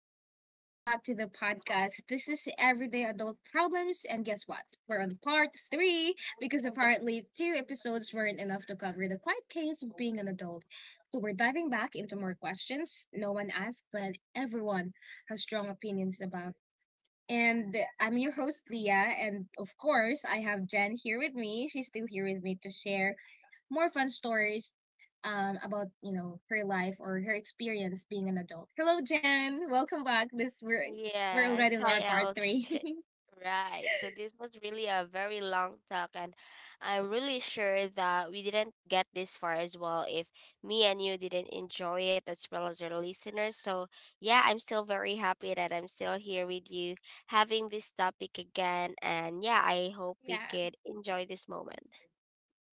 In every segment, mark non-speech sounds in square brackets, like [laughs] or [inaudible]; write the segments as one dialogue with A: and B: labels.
A: and welcome back to the podcast. This is Everyday Adult Problems, and guess what? We're on part three because apparently two episodes weren't enough to cover the quiet case of being an adult. So we're diving back into more questions no one asked, but everyone has strong opinions about. And I'm your host, Leah, and of course, I have Jen here with me. She's still here with me to share more fun stories about her life or her experience being an adult. Hello, Jen. Welcome back. This we're
B: Yes,
A: already on
B: hi
A: our part three.
B: LJ. [laughs]
A: [laughs]
B: Right. So this was really a very long talk and I'm really sure that we didn't get this far as well if me and you didn't enjoy it as well as your listeners. So yeah, I'm still very happy that I'm still here with you having this topic again and yeah, I hope we
A: Yeah.
B: could enjoy this moment.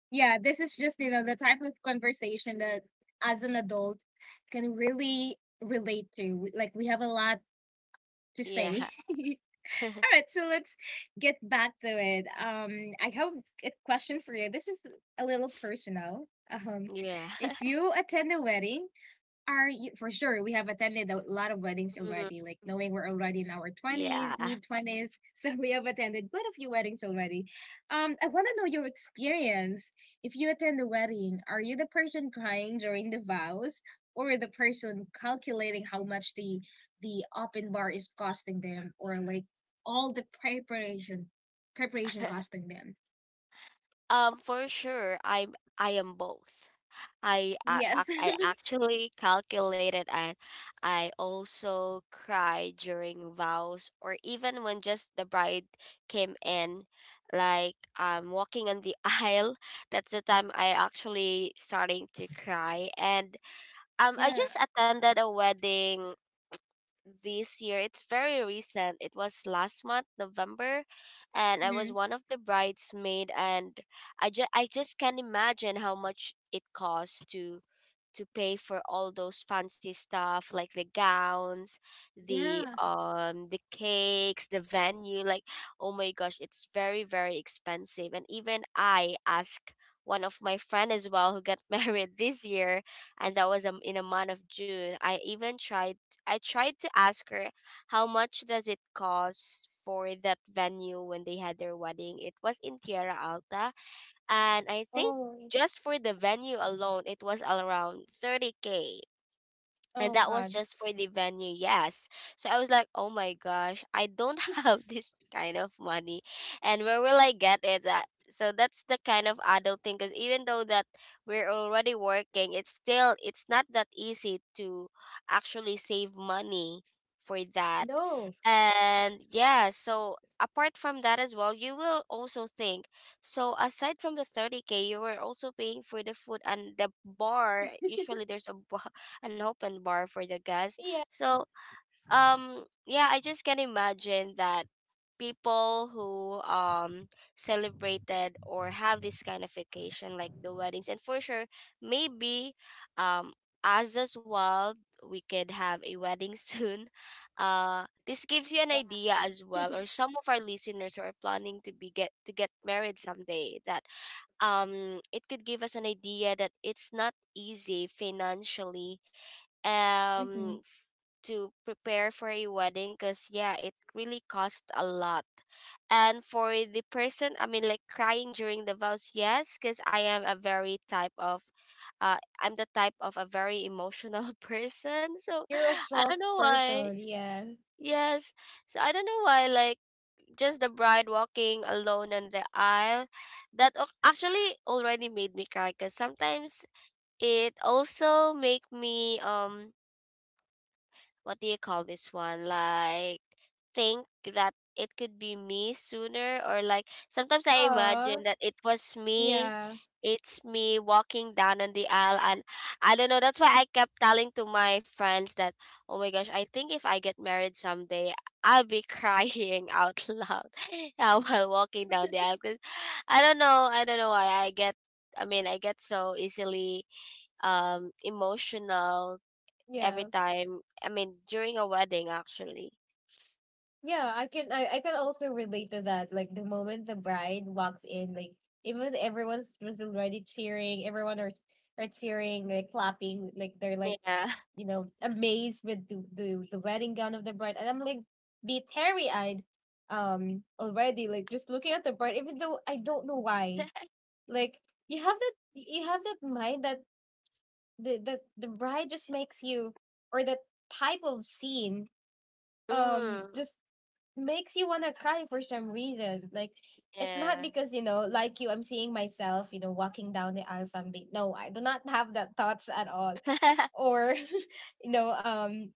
A: Yeah, this is just the type of conversation that as an adult can really relate to. Like we have a lot to
B: Yeah.
A: say. [laughs] All
B: [laughs]
A: right, so let's get back to it. I have a question for you. This is a little personal.
B: Yeah.
A: If
B: [laughs]
A: you attend a wedding, are you for sure? We have attended a lot of weddings
B: Mm.
A: already, like knowing we're already in our 20s,
B: Yeah.
A: mid 20s. [laughs] So we have attended quite a few weddings already. I want to know your experience. If you attend a wedding, are you the person crying during the vows, or the person calculating how much the open bar is costing them, or like all the preparation
B: [laughs]
A: costing them?
B: For sure, I am both.
A: Yes.
B: I
A: [laughs]
B: actually calculated, and I also cried during vows, or even when just the bride came in, like walking on the [laughs] aisle. That's the time I actually starting to cry. And
A: Yeah.
B: I just attended a wedding this year. It's very recent. It was last month, November, and I
A: Hmm.
B: was one of the bridesmaid. And I just can't imagine how much it costs to pay for all those fancy stuff like the gowns,
A: Yeah.
B: the cakes, the venue, like oh my gosh, it's very expensive. And even I asked one of my friend as well who got [laughs] married this year, and that was in a month of June. I tried to ask her how much does it cost for that venue when they had their wedding. It was in Tierra Alta, and I think
A: Oh, it-
B: just for the venue alone, it was around 30K. And
A: oh
B: that was
A: God.
B: just for the venue, yes. So I was like oh my gosh, I don't [laughs] have this kind of money, and where will I get it at? So that's the kind of adult thing, because even though that we're already working, it's still, it's not that easy to actually save money for that.
A: No.
B: And yeah, so apart from that as well, you will also think, so aside from the 30K, you were also paying for the food and the bar. Usually there's a an open bar for the guests. So yeah, I just can imagine that people who celebrated or have this kind of vacation like the weddings, and for sure maybe um us as well, we could have a wedding [laughs] soon. This gives you an idea as well, or some of our listeners who are planning to be get to get married someday, that it could give us an idea that it's not easy financially, um f- to prepare for a wedding, because yeah, it really costs a lot. And for the person, I mean, like crying during the vows, yes, because I am a very type of I'm the type of a very emotional [laughs] person. So
A: You're a
B: I don't
A: soft
B: know why,
A: person, yeah.
B: yes, so I don't know why, like just the bride walking alone on the aisle, that actually already made me cry, because sometimes it also make me what do you call this one? Like think that it could be me sooner, or like sometimes I
A: Oh,
B: imagine that it was me.
A: yeah,
B: It's me walking down on the aisle, and I don't know, that's why I kept telling to my friends that, oh my gosh, I think if I get married someday, I'll be crying [laughs] out loud, [laughs] while walking down the aisle. 'Cause I don't know why I get, I mean I get so easily emotional every
A: yeah,
B: time. I mean, during a wedding, actually.
A: yeah. I can, I can also relate to that. Like the moment the bride walks in, like even everyone's was already cheering. Everyone are cheering, like clapping, like they're like
B: Yeah.
A: amazed with the wedding gown of the bride, and I'm like be teary eyed, already like just looking at the bride, even though I don't know why.
B: [laughs]
A: Like you have that mind that the bride just makes you or the type of scene
B: Mm,
A: just makes you wanna cry for some reason. Like it's not
B: yeah.
A: because like you, I'm seeing myself, you know, walking down the aisle someday. No, I do not have that thoughts at all.
B: [laughs]
A: Or [laughs] you know,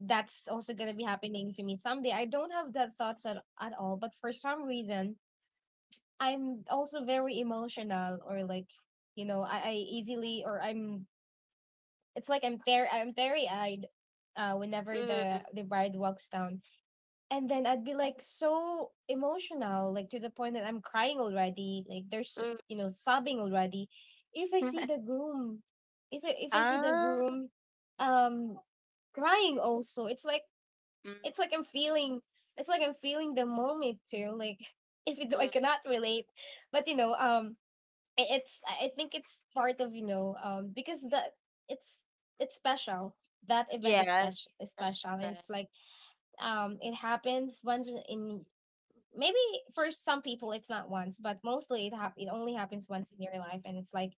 A: that's also gonna be happening to me someday. I don't have that thoughts at all. But for some reason, I'm also very emotional, or like you know, I easily or I'm it's like I'm there. I'm very eyed. Whenever the
B: Mm.
A: the bride walks down, and then I'd be like so emotional, like to the point that I'm crying already. Like there's just,
B: Mm.
A: you know sobbing already. If I see the
B: [laughs]
A: groom, if I see the
B: Ah,
A: groom, um, crying also.
B: mm.
A: It's like I'm feeling. It's like I'm feeling the moment too. Like [laughs] if it, I
B: Mm.
A: cannot relate, but you know it's I think it's part of you know because the it's it's special. That event is
B: Yes,
A: special, is
B: that's
A: special, and
B: right.
A: it's like it happens once in maybe, for some people it's not once, but mostly it it only happens once in your life, and it's like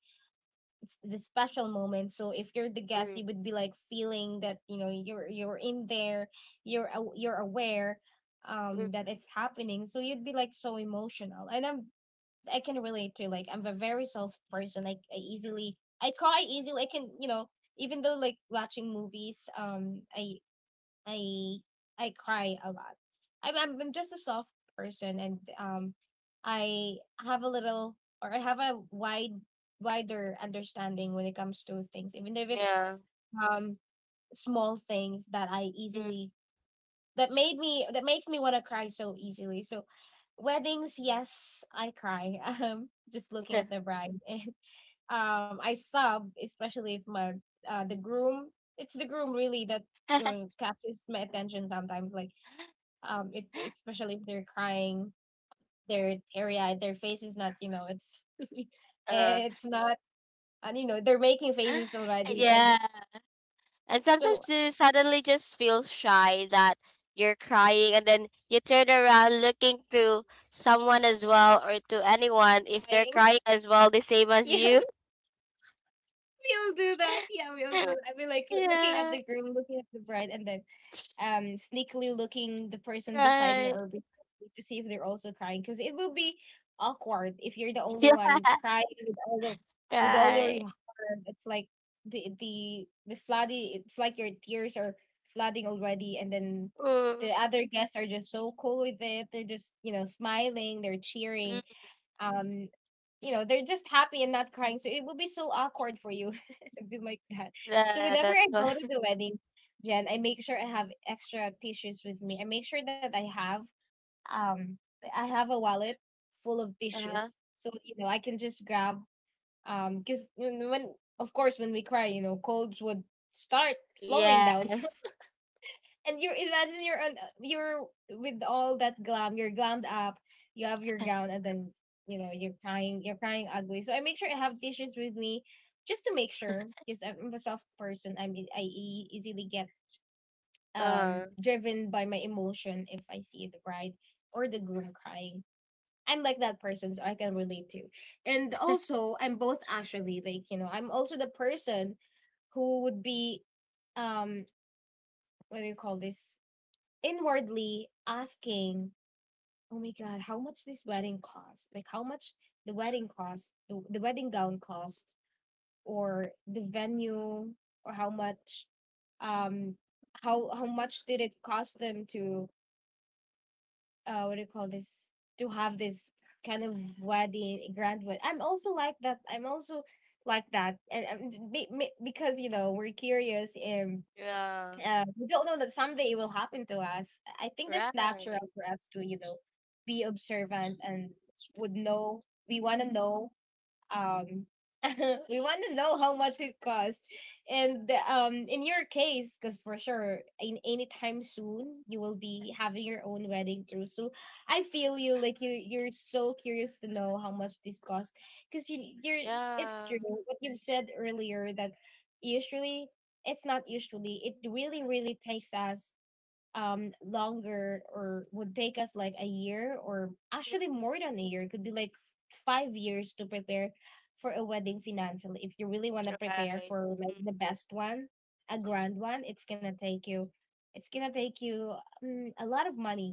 A: the special moment. So if you're the guest,
B: Mm.
A: you would be like feeling that you know you're in there. You're you're aware
B: Mm,
A: that it's happening, so you'd be like so emotional. And I'm I can relate to. Like I'm a very soft person. Like I easily I cry easily. I can you know even though like watching movies I I cry a lot. I'm just a soft person, and I have a little or I have a wide wider understanding when it comes to things, even if it's
B: yeah.
A: um small things that I
B: Mm.
A: easily that makes me want to cry so easily. So weddings, yes, I cry. [laughs] Just looking at the bride and especially if my the groom, it's the groom really that
B: [laughs]
A: catches my attention sometimes. Like it especially if they're crying, their area, their face is not, you know, it's [laughs]
B: uh,
A: it's
B: [gasps]
A: not, and you know, they're making faces
B: [laughs]
A: already and
B: yeah. And sometimes
A: so
B: you suddenly just feel shy that you're crying, and then you turn around looking to someone as well, or to anyone, if they're
A: crying. [laughs]
B: crying as well, the same as
A: Yeah,
B: you.
A: we all do that. Yeah, we all do.
B: [laughs]
A: I mean, like looking at
B: Yeah,
A: the groom, looking at the bride, and then sneakily looking the person beside me
B: right.
A: or behind me to see if they're also crying, because it will be awkward if you're the
B: [laughs]
A: only
B: Yeah,
A: one crying with all the with all your
B: right.
A: heart. It's like the flooding. It's like your tears are flooding already, and then the
B: Mm.
A: other guests are just so cool with it. They're just you know smiling, they're cheering,
B: Mm,
A: um you know they're just happy and not crying, so it would be so awkward for you. [laughs] It'd be like that. So
B: yeah,
A: whenever I
B: that's why.
A: go to
B: [laughs]
A: the wedding, Jen, I make sure I have extra tissues with me. I make sure that I have um I have a wallet full of
B: Uh-huh.
A: tissues, so you know I can just grab because when of course when we cry you know colds would start flowing down. [laughs]
B: Yes.
A: And you imagine you're with all that glam, you're glammed up, you have your gown, and then you know you're crying, you're crying ugly, so I make sure I have tissues with me, just to make sure, because I'm a soft person. I mean, I easily get
B: Uh,
A: driven by my emotion. If I see the bride or the groom crying, I'm like that person, so I can relate to. And also I'm both actually. Like you know I'm also the person who would be um what do you call this, inwardly asking, "Oh my god, how much this wedding cost? Like how much the wedding cost, the wedding gown cost, or the venue, or um, how much did it cost them to, what do you call this? To have this kind of wedding, grand wedding." I'm also like that. I'm also like that, and because you know we're curious, and
B: yeah,
A: we don't know that someday it will happen to us. I think that's natural
B: right.
A: for us to, you know, be observant and would know. We want to know um, [laughs] we want to know how much it cost. And in your case, because for sure, in anytime soon, you will be having your own wedding too. So I feel you. Like you're so curious to know how much this cost. Because you're, it's
B: Yeah,
A: true what you've said earlier that usually it's not usually it really really takes us longer, or would take us like a year or
B: mm,
A: actually more than a year. It could be like 5 years to prepare for a wedding financially, if you really want to prepare
B: right.
A: for like
B: Mm,
A: the best one, a grand one. It's gonna take you, it's gonna take you a lot of money,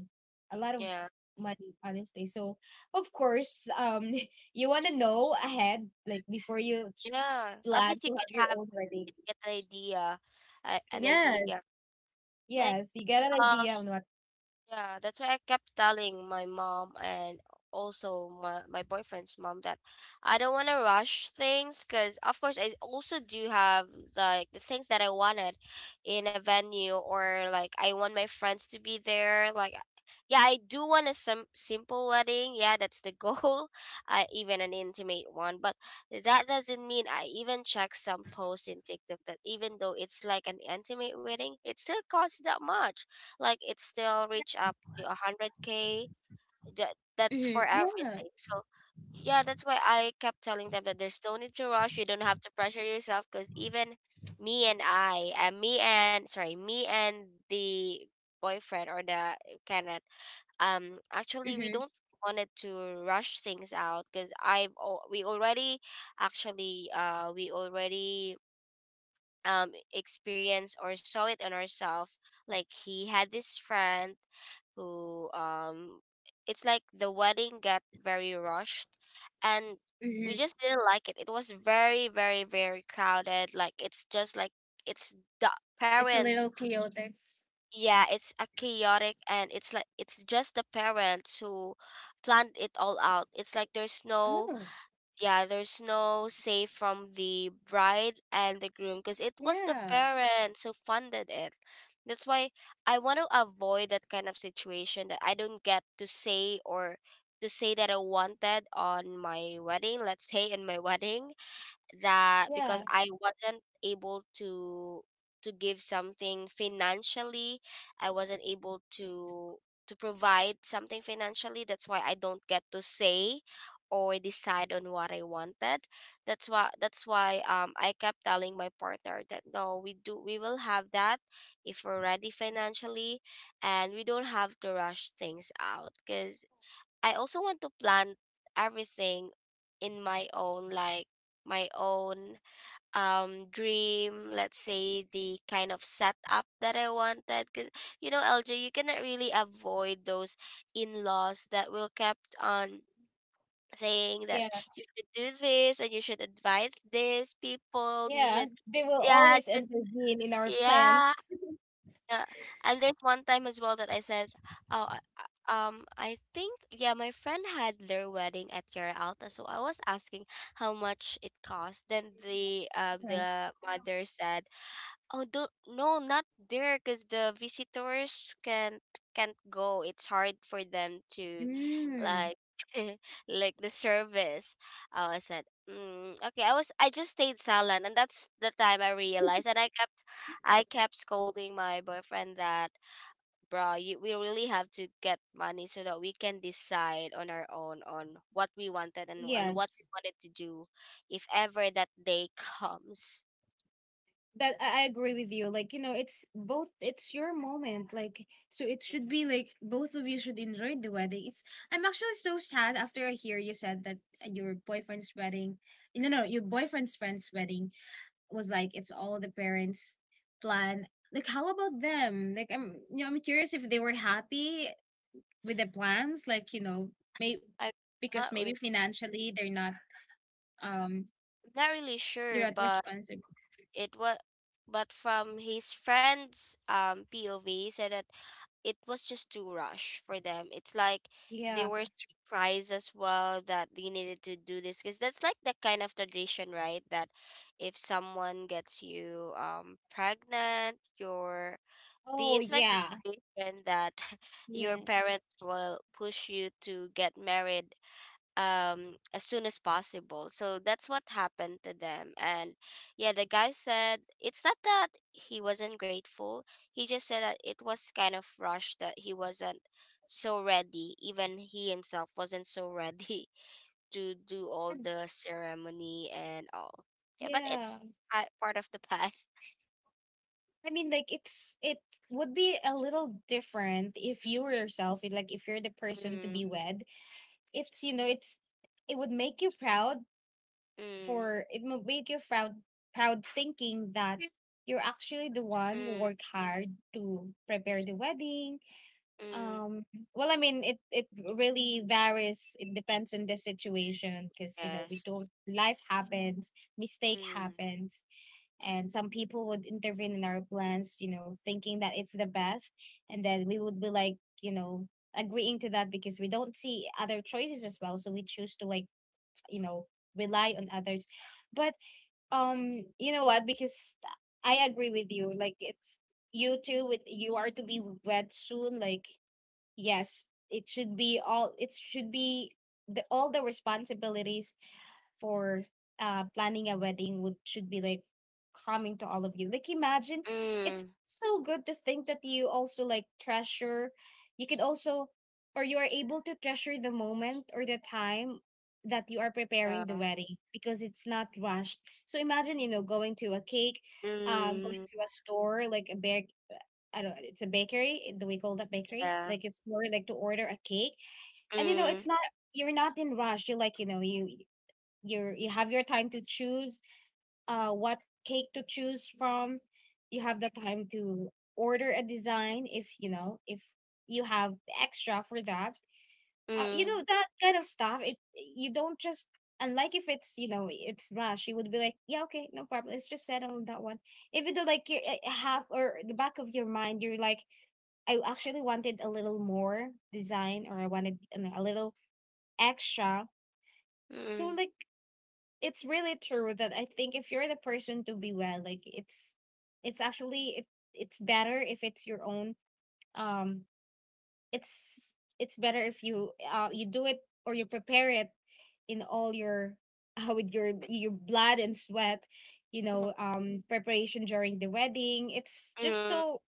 A: a lot of
B: yeah,
A: money honestly. So of course [laughs] you want to know ahead, like before you
B: yeah. At
A: plan
B: least you
A: to have
B: could
A: your
B: have
A: own wedding.
B: get an idea, an
A: Yes.
B: idea. Like,
A: Yes, you get an
B: uh,
A: idea on what.
B: yeah, that's why I kept telling my mom and also my boyfriend's mom that I don't want to rush things, because of course, I also do have like the things that I wanted in a venue, or like I want my friends to be there. Like yeah, I do want a simple wedding. Yeah, that's the goal. [laughs] Even an intimate one. But that doesn't mean, I even check some posts in TikTok that even though it's like an intimate wedding, it still costs that much, like it still reach up to 100K. That, that's
A: Mm-hmm.
B: for
A: Yeah.
B: everything. So yeah, that's why I kept telling them that there's no need to rush. You don't have to pressure yourself, because even me and I and me and sorry, me and the boyfriend, or the Kenneth, actually, we
A: Mhm.
B: don't wanted to rush things out, because we already actually, we already experience or saw it on herself. Like he had this friend who it's like the wedding got very rushed, and we
A: Mhm.
B: just didn't like it. It was very crowded. Like it's just like it's the
A: It's a
B: parents.
A: little chaotic.
B: Yeah, it's a chaotic, and it's like it's just the parents who planned it all out. It's like there's no,
A: Oh,
B: yeah, there's no say from the bride and the groom, because it was the
A: yeah.
B: parents who funded it. That's why I want to avoid that kind of situation, that I don't get to say, or to say that I wanted on my wedding, let's say in my [laughs] wedding, that because
A: Yeah.
B: I wasn't able to give something financially, I wasn't able to provide something financially. That's why I don't get to say or decide on what I wanted. That's why I kept telling my partner that no, we will have that if we're ready financially, and we don't have to rush things out, because I also want to plant everything in my own, like my own dream, let's say the kind of setup that I wanted, because you know LJ, you cannot really avoid those in-laws that will kept on saying that
A: Yeah,
B: you should do this, and you should advise this people, you
A: yeah.
B: should,
A: They will
B: yeah
A: always intervene in our plans.
B: yeah yeah. And there's one time as well that I said, "Oh, I think yeah, my friend had their wedding at Yara Alta, so I was asking how much it cost." Then
A: Uh.
B: the mother said, oh, do not, no, not there, because the visitors can't go. It's hard for them to,
A: Mm.
B: like, [laughs] like the service. Oh, I said, mm, okay. I just stayed silent, and that's the time I realized, and I kept scolding my boyfriend that, bro, you, we really have to get money, so that we can decide on our own on what we wanted, and what
A: Yes,
B: we wanted to do, if ever that day [laughs] comes.
A: that I agree with you. Like, you know, it's both, it's your moment. Like, so it should be like both of you should enjoy the wedding. It's, I'm actually so sad after I hear you said that your boyfriend's wedding, no, no, your boyfriend's friend's wedding, was like it's all the parents' plan. Like how about them? Like I'm you know, I'm curious if they were happy with the plans, like, you know, may
B: I'm
A: because
B: not
A: maybe financially um
B: I'm not really
A: they're not
B: sure, but
A: responsible.
B: it was, but from his friend's POV, he said that it was just too rush for them. It's like
A: Yeah.
B: they were surprised as well that they needed to do this, because that's like the kind of tradition, right? That if someone gets you pregnant, your the
A: Oh
B: it's like the
A: yeah.
B: tradition that [laughs] your
A: Yes.
B: parents will push you to get married as soon as possible. So that's what happened to them. And yeah, the guy said it's not that he wasn't grateful, he just said that it was kind of rushed, that he wasn't so ready, even he himself wasn't so ready [laughs] to do all
A: And-
B: the ceremony and all. Yeah, but
A: Yeah.
B: it's part of the past.
A: I mean like it's it would be a little different if you were yourself, like if you're the person to
B: Mm.
A: be wed. It's you know, it's it would make you proud,
B: Mm.
A: for it will make you proud, proud thinking that you're actually the one who worked
B: Mm.
A: hard to prepare the wedding.
B: Mm.
A: um well I mean it it really varies. It depends on the situation, because you know we
B: Yes.
A: don't life happens, mistake
B: Mm.
A: happens, and some people would intervene in our plans, you know thinking that it's the best, and then we would be like you know agreeing to that because we don't see other choices as well, so we choose to like you know rely on others. But you know what, because I agree with you. Like it's you too, with you are to be wed soon, like yes, it should be all it should be the all the responsibilities for planning a wedding would should be like coming to all of you. Like imagine, it's
B: Mm,
A: so good to think that you also like treasure. You could also, or you are able to treasure the moment or the time that you are
B: yeah.
A: preparing the wedding because it's not rushed. So imagine, going to a cake, going
B: Mm,
A: to a store like a bake. I don't. It's a bakery. Do we call that bakery?
B: yeah.
A: Like it's more like to order a cake, and
B: Mm.
A: it's not. You're not in rush. You're like you have your time to choose what cake to choose from. You have the time to order a design if if you have extra for that.
B: Mm.
A: That kind of stuff, it, you don't just, unlike if it's, it's rush, you would be like, yeah, okay, no problem, let's just settle on that one, even though like you have, or the back of your mind you're like, I actually wanted a little more design, or I wanted, a little extra. So
B: Mm,
A: like, it's really true that I think if you're the person to be well, like it's actually it's better if it's your own. um it's better if you you do it or you prepare it in all your [laughs] with your blood and sweat,
B: mhm.
A: preparation during the wedding. It's just
B: Mm,
A: so,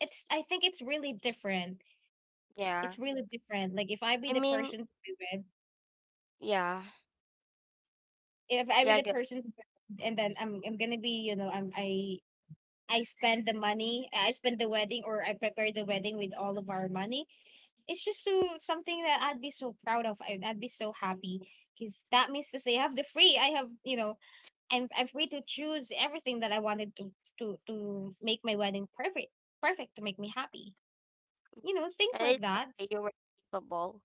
A: it's, I think it's really different.
B: yeah.
A: It's really different. Like if I be
B: I
A: the
B: mean,
A: person to be with,
B: yeah,
A: if I be
B: yeah. I
A: the
B: get,
A: person to be with, and then I'm gonna be, I spend the money, I spend the wedding, or I prepare the wedding with all of our money. It's just so something that I'd be so proud of. I'd be so happy because that means to say I have the free. I have, I'm free to choose everything that I wanted to to make my wedding perfect, perfect to make me happy. You know, things
B: and
A: like
B: it's like
A: that.
B: that you were capable.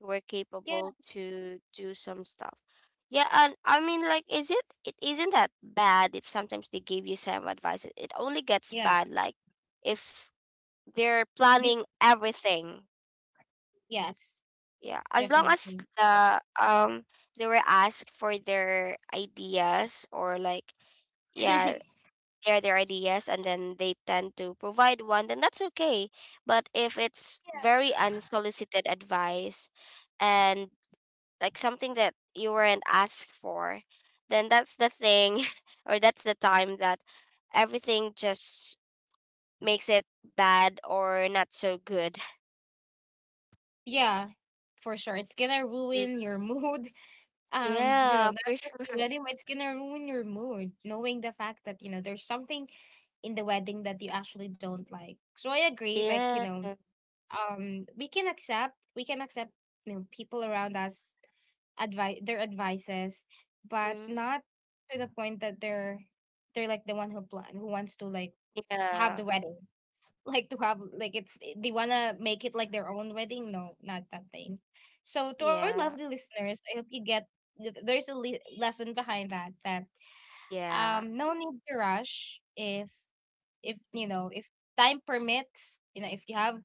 B: You were
A: Yeah,
B: capable to do some stuff. Yeah, and I mean, like, is it? It isn't that bad if sometimes they give you some advice. It only gets
A: yeah,
B: bad like if they're
A: def-
B: planning everything.
A: yes,
B: Yeah, as long as
A: definitely.
B: the they were asked for their ideas, or like yeah
A: [laughs]
B: share their ideas, and then they tend to provide one, then that's okay. But if it's very unsolicited advice, and like something that you weren't asked for, then that's the thing, [laughs] or that's the time that everything just makes it bad or not so good.
A: Yeah, for sure. It's gonna
B: Mm.
A: ruin your [laughs] mood.
B: Yeah,
A: Not
B: for
A: just the
B: sure.
A: wedding, but it's gonna ruin your mood, knowing the fact that, there's something in the wedding that you actually don't like. So I agree, like,
B: Yeah.
A: we can accept, people around us advice, their advices, but
B: Mm.
A: not to the point that they're like the one who plan, who wants to like have the
B: Yeah.
A: wedding, like to have like, it's, eh, they wanna make it like their own wedding. No, not that thing. So to our
B: Yeah.
A: lovely listeners, I hope you get there's a lesson behind that, that
B: Yeah.
A: no need to rush if if time permits, if you have,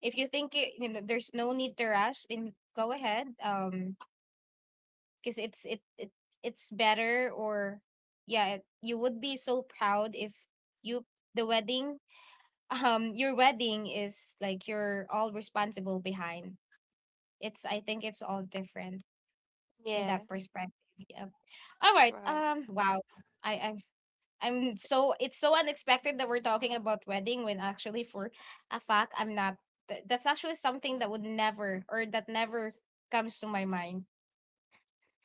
A: if you think it, there's no need to rush, then go ahead. Because it, it's better, or yeah, it, you would be so proud if you, the wedding, your wedding is like you're all responsible behind. It's, I think it's all different in
B: Yeah.
A: that perspective. Yeah. All right.
B: Right.
A: Wow, i i'm I'm so, it's so unexpected that we're talking about wedding when actually for a fact I'm not, that's actually something that would never, or that never comes to my mind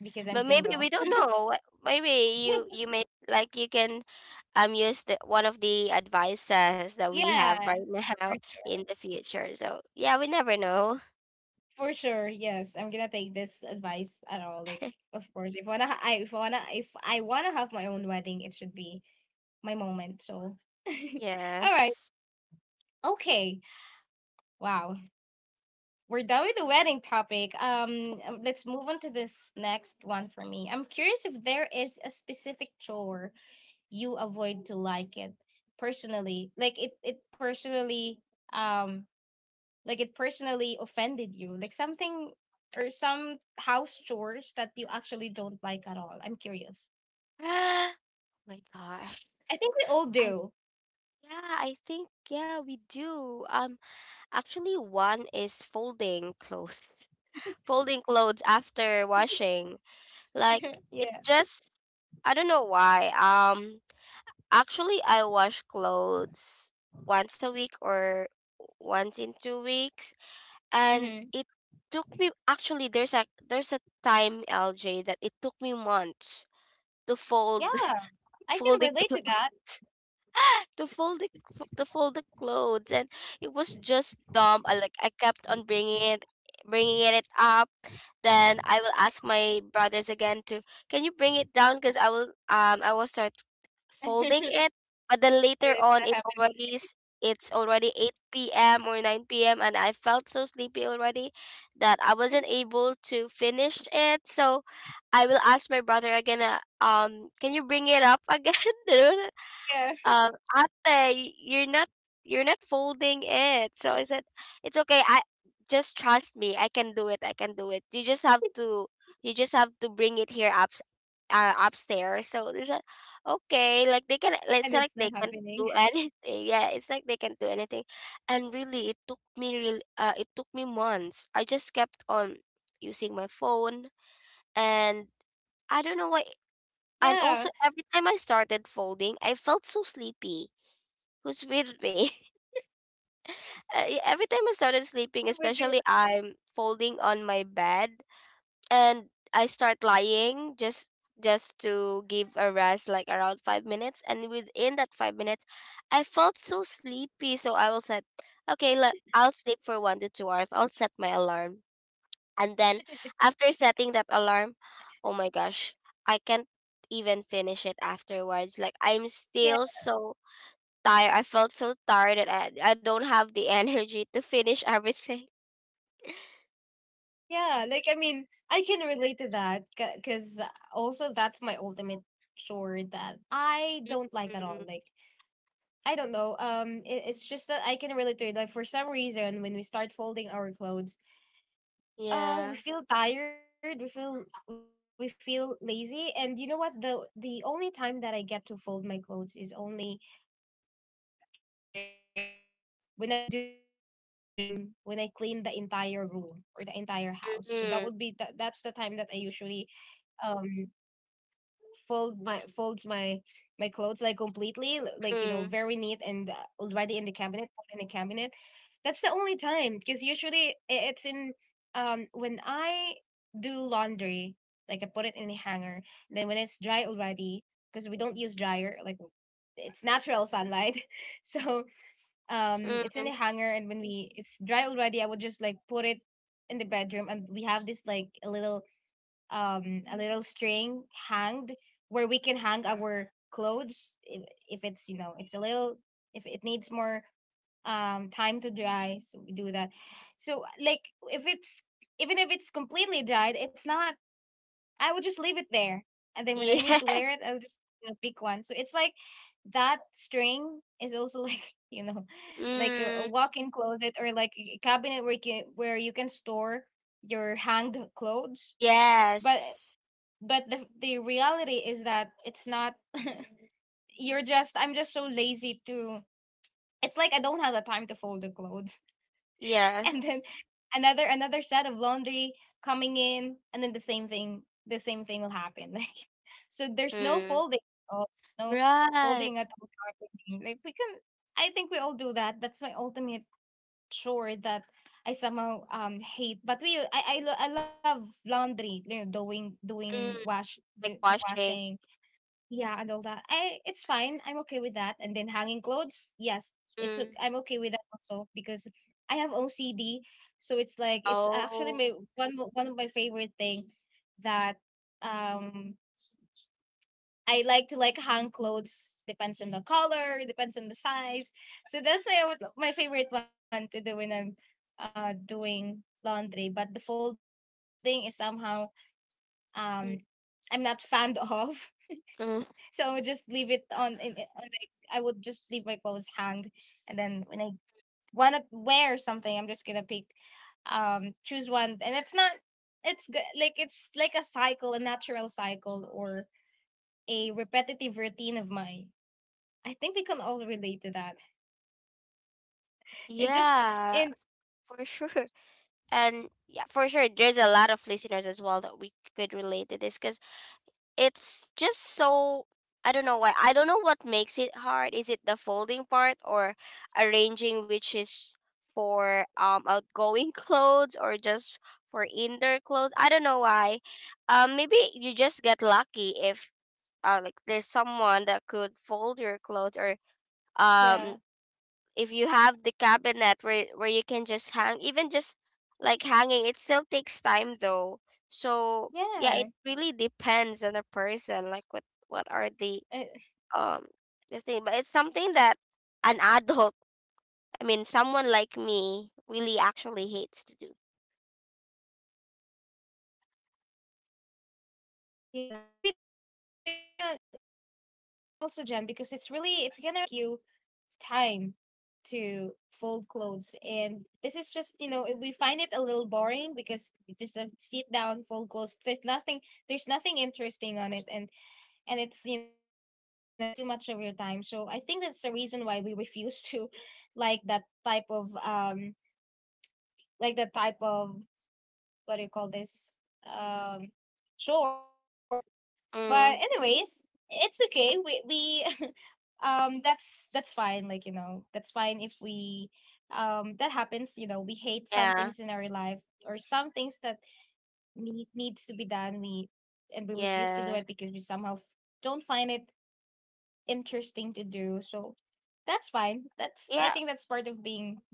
A: because I'm
B: But maybe we
A: single.
B: don't know. Maybe
A: [laughs]
B: you may like, you can use the one of the advices that we have
A: Yeah.
B: right now [laughs] in the future. So yeah, we never know.
A: For sure, yes. I'm gonna take this advice at all. Like, of course, if wanna, I, if wanna, if I wanna have my own wedding, it should be my moment. So, [laughs] all right,
B: Yes.
A: okay, wow, we're done with the wedding topic. Let's move on to this next one for me. I'm curious if there is a specific chore you avoid to like it personally. Like it personally, um, like it personally offended you, like something, or some house chores that you actually don't like at all. I'm curious.
B: [gasps] Oh my gosh.
A: I think we all
B: I,
A: do.
B: yeah, I think yeah we do. Actually, one is folding clothes, [laughs] folding clothes after washing. Like it
A: Yeah.
B: just, I don't know why. Actually, I wash clothes once a week or once in 2 weeks, and
A: Hmm.
B: it took me. Actually, there's a time, LJ, that it took me months to fold
A: Yeah,
B: [laughs]
A: I
B: fold
A: can
B: the
A: relate to
B: cl-
A: that.
B: [laughs] to fold the to fold the clothes, and it was just dumb. I kept on bringing it up. Then I will ask my brothers again to, can you bring it down because I will start
A: [laughs] And
B: folding it. But then later
A: it's
B: on
A: not happening.
B: it's already 8 p.m or 9 p.m, and I felt so sleepy already that I wasn't able to finish it. So I will ask my brother again, can you bring it up again? [laughs] You know,
A: Yeah,
B: uh, "Ate, you're not folding it." So I said, "It's okay. I Just trust me. I can do it. I can do it. You just have to you just have to bring it here up upstairs." So they said, "Okay."
A: and
B: It's
A: it's
B: not like
A: not
B: they can
A: happening.
B: do [laughs] anything. Yeah, it's like they can do anything. And really, it took me real. It took me months. I just kept on using my phone, and I don't know
A: Yeah.
B: why. And also, every time I started folding, I felt so sleepy. Who's with me? [laughs] Yeah,
A: And
B: every time
A: with
B: I
A: the,
B: started sleeping, especially I'm folding on my bed, and I start lying just to give a rest like around 5 minutes, and within that 5 minutes I felt so sleepy. So I will set, okay, I'll sleep for 1 to 2 hours. I'll set my alarm. And then after setting that alarm, oh my gosh, I can't even finish it afterwards. Like I'm
A: yeah.
B: still so tired. I felt so tired that I don't have the [laughs] energy to finish everything.
A: Yeah, like I mean, I can relate to that because also that's my ultimate chore that I don't like at all.
B: Mm,
A: Like I don't know. It's just that I can relate to it. Like for some reason, when we start folding our clothes, we
B: yeah.
A: feel tired. We feel, we feel lazy. And you know what? The only time that I get to fold my clothes is only during when I do like cleaning. When I clean the entire room or the entire house. So that would be that. That's the time
B: Mm,
A: that I usually um fold my, folds my my clothes like completely, like very neat and
B: mm,
A: already in the cabinet, put in the cabinet. That's the only time because usually, it's in, when I do laundry, like I put it in the hanger, then when it's dry already, because we don't use dryer, like it's natural sunlight. [laughs] So it's in the
B: mm,
A: hanger and when we, it's dry already, I would just like put it in the bedroom, and we have this like a little string hanged where we can hang our clothes if it's it's a little, if it needs more time to dry, so we do that. So like if it's, even if it's completely dried, it's not, I would just leave it there, and then when I need
B: yeah.
A: to
B: [laughs]
A: wear it, I'll just pick one. So it's like that string is also like [laughs] like
B: Mm,
A: a walk-in closet or like a cabinet where you can, where you can store your hanged clothes. But
B: yes.
A: the reality is that it's not. [laughs] You're just, I'm just so lazy to, it's like I don't have the time to fold the clothes. [laughs]
B: Yeah.
A: And then another, another set of laundry coming in, and then the same thing, the same thing will happen. [laughs] Like, so there's no
B: Mm,
A: folding at all. There's no
B: right.
A: folding at all happening. Like we can, I think we all do that. That's my ultimate chore that I somehow hate. But we, I love laundry, doing, doing
B: Mm,
A: wash,
B: like
A: the
B: washing.
A: washing, yeah, and all that. I It's fine. I'm okay with that. And then hanging clothes, yes,
B: Mm,
A: I'm okay with that also because I have OCD, so it's like it's actually my
B: oh.
A: one, one of my favorite thing that um I like to like hang clothes. Depends on the color, depends on the size. So that's my my favorite one to do when I'm doing laundry. But the folding is somehow um I'm not
B: Mm,
A: fond [laughs] of. So I would
B: mm,
A: just leave it on. Like, I would just leave my clothes hanged, and then when I wanna wear something, I'm just gonna pick, choose one, and it's not. It's good. Like it's like a cycle, a natural cycle, or a repetitive routine of mine. I think we can all relate to that. It's
B: yeah,
A: just, and
B: for sure. And yeah, for sure, there's a lot of listeners as well that we could relate to this because it's just so, I don't know why. I don't know what makes it hard. Is it the folding part or arranging, which is for outgoing [laughs] clothes or just for indoor clothes? I don't know why. Um, maybe you just get lucky if like there's someone that could fold your clothes, or um,
A: yeah.
B: if you have the cabinet where you can just hang. Even just like hanging it still takes time though. So yeah, it really
A: Yeah.
B: depends on the person, like what are the
A: Uh,
B: um, the thing. But it's something that an adult, I mean someone like me, really actually hates to do.
A: yeah, maybe be also Jen because it's really, it's gonna really eats up your time. It's gonna eat. It's gonna take you time to fold clothes, and this is just, we find it a little boring because it's just a sit down, fold clothes, there's nothing, there's nothing interesting on it, and it's, it's taking too much of your time. So I think that's the reason why we [laughs] refuse to like that type of like the type of, what do you call this, um chore. But anyways,
B: Mm,
A: it's okay, we [laughs] that's fine. Like that's fine if we that happens. We hate some things in
B: yeah.
A: our life, or some things that need, needs to be done, we, and we refuse to do it
B: Yeah,
A: because we somehow, don't find it interesting to do. So that's fine. That's, I
B: yeah.
A: think that's part of being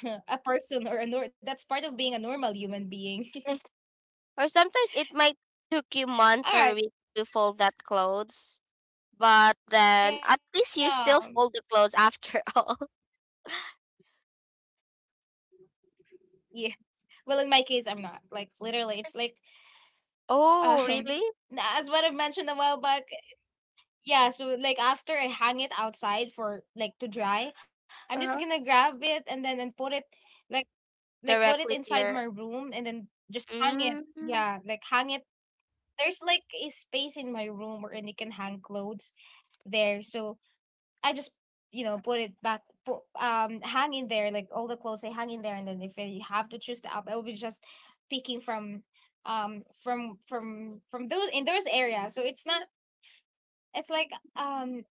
A: [laughs] a person, or a that's part of being a normal human being.
B: [laughs] Eh, or sometimes it might took you months
A: [laughs] All
B: or
A: right.
B: weeks to fold that clothes, but then at least
A: Yeah.
B: you still fold the clothes after. [laughs] all
A: Yeah, well in my case I'm not like, literally it's like
B: Oh,
A: um
B: really?
A: [laughs] as what I've mentioned a while back. Yeah, so like after I hang it outside for like to dry, I'm just
B: Uh-huh.
A: gonna grab it and then and put it like like put it
B: Directly to
A: inside my
B: your,
A: room and then just hang it.
B: mm, mm,
A: Yeah, like hang it. There's like a space in my room where you can hang clothes there. So I just put it back, hang in there, like all the clothes I hang in there, and then if I have to choose the app, I will be just picking from from those in those areas. So, it's not it's like um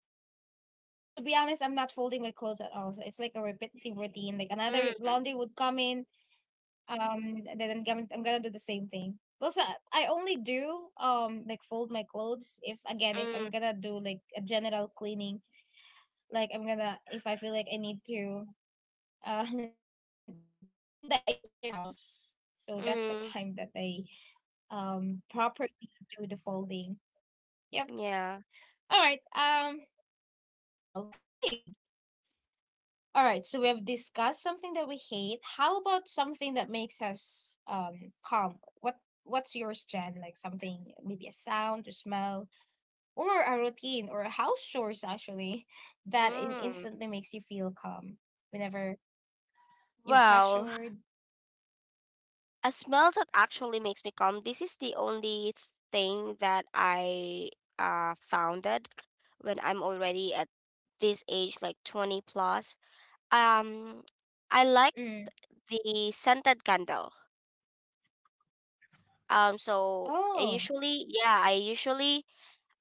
A: to be honest, I'm not folding my clothes at all. So it's like a repetitive routine. Like another laundry would come in, and then I'm gonna do the same thing. Well, so I only do like fold my clothes, if again, if I'm
B: mm,
A: gonna do like a general cleaning, like I'm gonna, if I feel like I need to uh [laughs] clean the entire house. So that's the
B: mm,
A: time that I properly do the folding. Yep.
B: yeah.
A: All right. Okay. All right, so we have discussed something that we hate. How about something that makes us calm? What's yours, Jen? Like something, maybe a sound, a smell, or a routine, or a house chores actually, [laughs] that
B: Mm.
A: instantly makes you feel calm whenever you're
B: Well,
A: pressured.
B: a smell that actually makes me calm. This is the only thing that I founded when I'm already at this age, like 20 plus. Um, I like
A: Mm.
B: the scented candle. So I
A: Oh.
B: usually, yeah, I usually,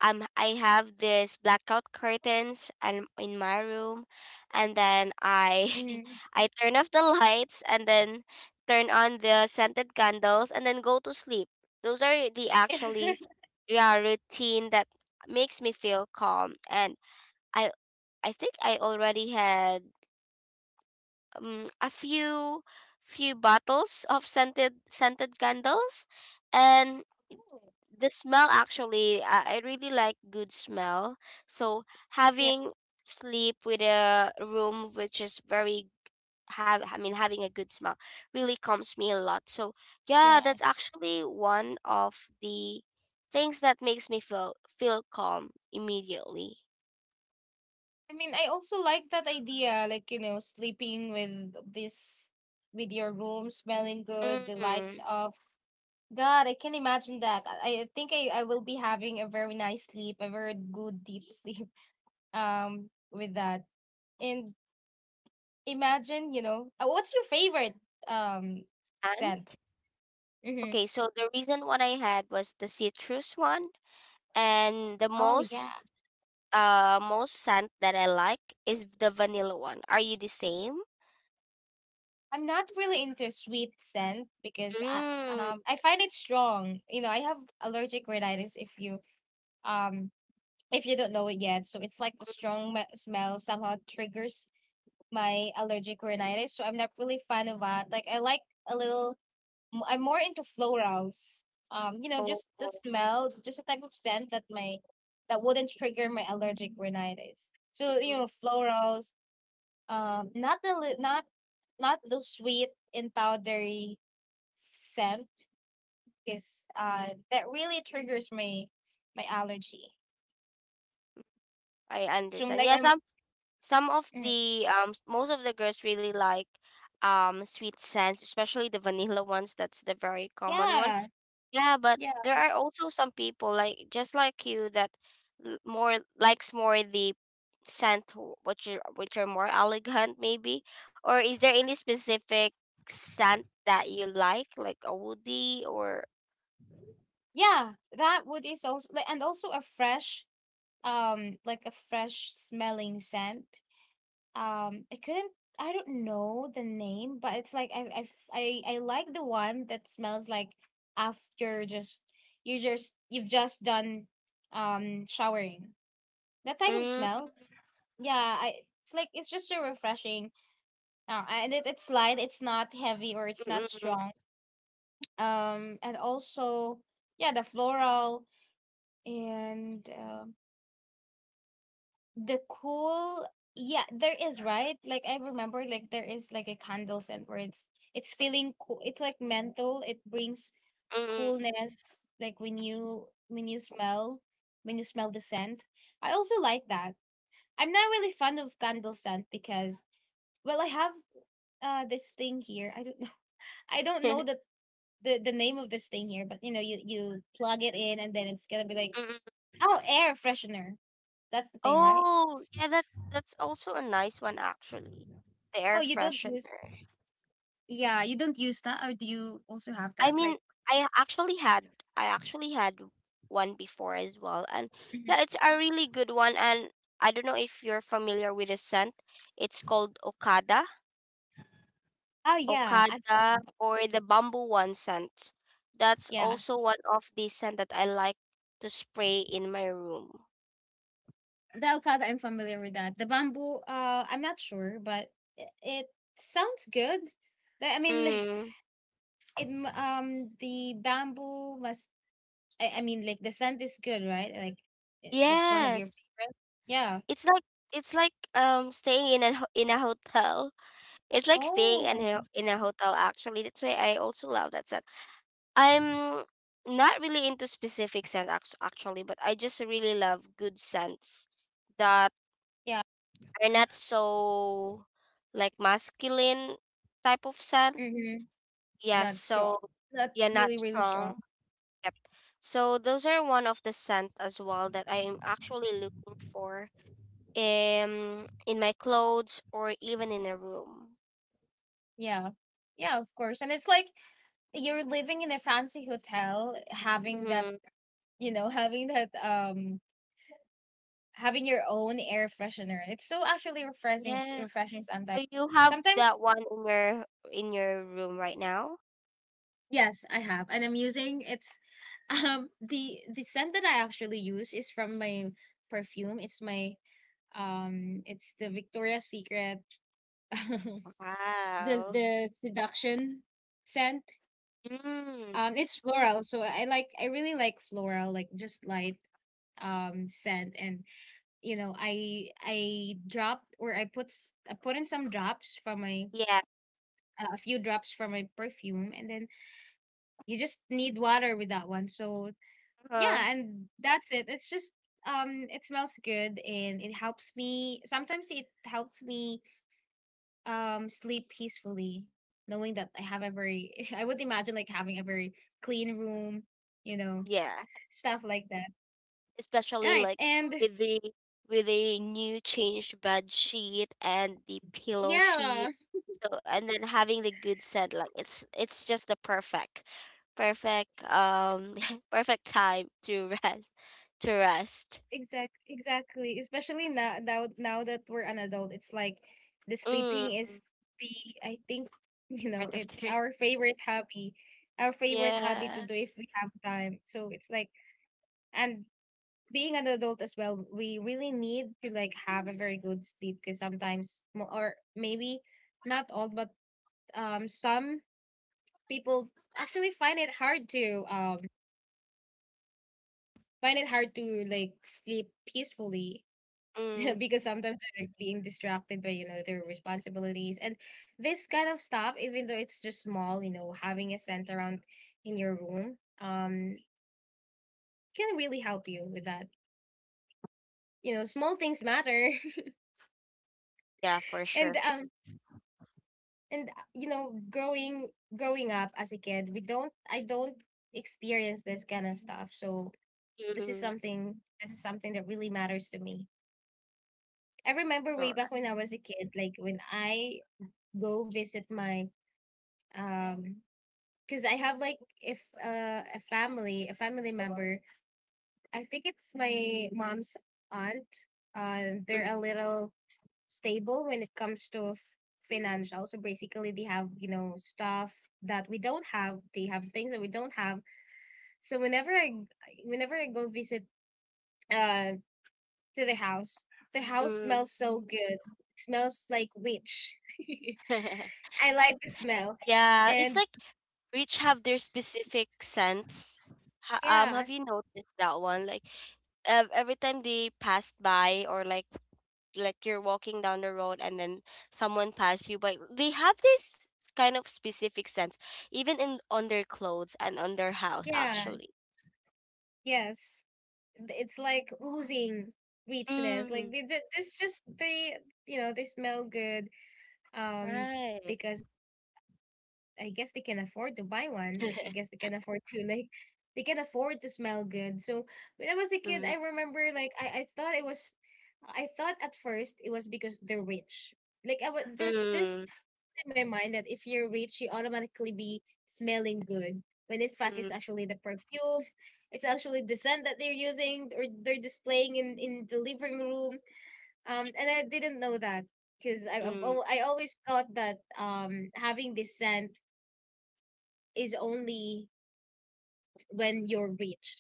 B: um, I have this blackout curtains and in my room, and then I [laughs] I
A: Mm.
B: turn off the lights and then turn on the scented candles and then go to sleep. Those are the actually,
A: [laughs]
B: yeah, routine that makes me feel calm. And I I think I already had a few few bottles of scented candles. And
A: Oh,
B: the smell actually, I really like good smell. So
A: yeah,
B: having sleep with a room which is very, have I mean having a good smell, really calms me a lot. So yeah,
A: yeah.
B: that's actually one of the things that makes me feel calm immediately.
A: I mean, I also like that idea, like you know, sleeping with this, with your room smelling good, the lights
B: Mm.
A: off. God, I can imagine that. I think I will be having a very nice sleep, a very good deep sleep. [laughs] With that. And imagine, you know, what's your favorite um
B: And
A: scent? Mm-hmm.
B: okay, so the reason what I had was the citrus one, and the
A: Oh yeah.
B: most most scent that I like is the vanilla one. Are you the same?
A: I'm not really into sweet scent because
B: Mm,
A: I find it strong. You know, I have allergic rhinitis um if you don't know it yet. So it's like the strong smell somehow triggers my allergic rhinitis. So I'm not really fan
B: mhm.
A: of that. Like I like a little I'm more into florals. You know,
B: Oh,
A: just the
B: oh,
A: smell, just a type of scent that wouldn't trigger my allergic rhinitis. So you
B: mm,
A: know, florals. Not the not the sweet and powdery scent because that really triggers my allergy.
B: I
A: So I'm
B: understand.
A: like
B: Yeah,
A: I'm
B: some of
A: mm,
B: the um, most of the girls really like um, sweet scents, especially the vanilla ones. That's the very common one.
A: yeah
B: Yeah, but
A: yeah
B: there are also some people like just like you that more likes more the scent which are more elegant maybe. Or is there any specific scent that you like a woody or,
A: yeah that would is also like, and also a fresh like a fresh smelling scent. I couldn't, I don't know the name, but it's like I like the one that smells like after just you've just done showering. That type of
B: mm,
A: smell. Yeah, I it's like it's just so refreshing. And it's light, it's not heavy or it's not
B: mm, mm,
A: strong. And also, yeah, the floral and the cool. Yeah, there is, right? Like I remember, like there is like a candle scent where it's feeling cool, it's like menthol, it brings coolness, like when you smell, the scent. I also like that. I'm not really fond of candle scent because, well, I have this thing here, I don't know, [laughs] I don't know
B: mm,
A: the name of this thing here, but you know you plug it in and then it's gonna be like,
B: mm. [laughs]
A: oh, air freshener, that's the thing, right?
B: Oh, yeah, that, that's also a nice one actually. The air
A: Oh, you don't
B: freshener.
A: use yeah, you don't use that, or do you also have
B: I
A: that?
B: mean,
A: Like,
B: I actually had I actually had one before as well. And
A: mhm.
B: yeah, it's a really good one, and I don't know if you're familiar with the scent. It's called Okada.
A: Oh yeah, I think
B: Okada
A: so.
B: or the bamboo one scent. That's
A: Yeah,
B: also one of the scent that I like to spray in my room.
A: the avocado. I'm familiar with that. The bamboo. I'm not sure, but it sounds good. Like, I mean, [laughs] like
B: Mm.
A: it. The bamboo must. I mean, like the scent is good, right? Like, eh, that's one of your
B: Yes.
A: favorite. Yeah.
B: It's like, it's like staying in a ho- in a hotel it's like staying
A: Oh,
B: in a hotel actually. That's why I also love that scent. I'm not really into specific scent, actually, but I just really love good scents that
A: yeah.
B: are not so like masculine type of scent.
A: Mm-hmm.
B: Yeah,
A: Not strong.
B: so
A: Not
B: yeah,
A: really,
B: not
A: really strong.
B: strong. Yep. So those are one of the scent as well that I am actually looking for um, in my clothes or even in a room.
A: Yeah. Yeah, of course. And it's like you're living in a fancy hotel, having that,
B: Mm-hmm.
A: you know, having your own air freshener. It's so actually
B: Yeah.
A: refreshing sometimes
B: So you have
A: sometimes
B: that one in your, in your room right now?
A: yes, I have, and I'm using, it's [laughs] the scent that I actually use is from my perfume. It's the Victoria's Secret [laughs] the
B: Wow.
A: the seduction scent.
B: Mm.
A: It's floral, so I really like floral, like just light scent. And you know, I dropped, or I put in some drops from my
B: Yeah.
A: a few drops from my perfume, and then you just need water with that one, so
B: Uh,
A: yeah, and that's it, it's just it smells good and it helps me, sometimes it helps me sleep peacefully, knowing that I have a very [laughs] I would imagine like having a very clean room, you know,
B: yeah.
A: stuff like that,
B: Especially
A: right?
B: like
A: And
B: with the, with the new changed bed sheet and the pillow sheet.
A: yeah.
B: So and then having the good scent, like it's just the perfect, perfect um, [laughs] perfect time to rest to rest.
A: Exactly. Especially now that we're an adult, it's like the
B: Mm.
A: sleeping is the, I think, [laughs] you
B: Part
A: know,
B: of
A: it's
B: the,
A: our
B: [laughs]
A: favorite hobby, to
B: yeah.
A: do if we have time. So it's like, and being an adult as well, we really need to like have a very good sleep because sometimes, or maybe not all, but some people actually find it hard to like sleep peacefully
B: Mm.
A: [laughs] because sometimes they're like being distracted by, you know, their responsibilities and this kind of stop, even though it's just small. You know, having a center around in your room can really help you with that. You know, small things matter.
B: Yeah, for
A: [laughs] and
B: sure. [laughs]
A: um and you know, growing up as a kid, we don't I don't experience this kind of stuff, so this is
B: Mm.
A: something this is something that really matters to me. I remember way
B: Sure.
A: back when I was a kid, like when I go visit my um because I have like, if a family a family member, I think it's my mom's aunt. They're a little stable when it comes to financial, so basically they have, you know, stuff that we don't have, they have things that we don't have. So whenever I go visit uh to the house, the house
B: Mm.
A: smells so good. It smells like witch. [laughs]
B: [laughs]
A: I like the smell.
B: Yeah, it's
A: And
B: like rich have their specific scents. Ha,
A: yeah,
B: have you noticed that one? Like ev every time they passed by, or like you're walking down the road and then someone passed you by, they have this kind of specific scents, even in, on their clothes and on their house
A: yeah.
B: actually.
A: Yes, it's like oozing richness. Like
B: Mm,
A: this just they you know, they smell good. Um,
B: right.
A: because I guess they can afford to buy one. Like I
B: [laughs]
A: guess they can afford to, [laughs] like they can afford to smell good. So when I was a kid, I
B: Mm,
A: remember like I thought it was, I thought at first it was because they're rich. Like I was there's
B: mm,
A: in my mind that if you're rich, you automatically be smelling good. When in fact,
B: mm,
A: it's actually the perfume, it's actually the scent that they're using or they're displaying in the living room. And I didn't know that because
B: mm,
A: I always thought that having this scent is only when you're rich.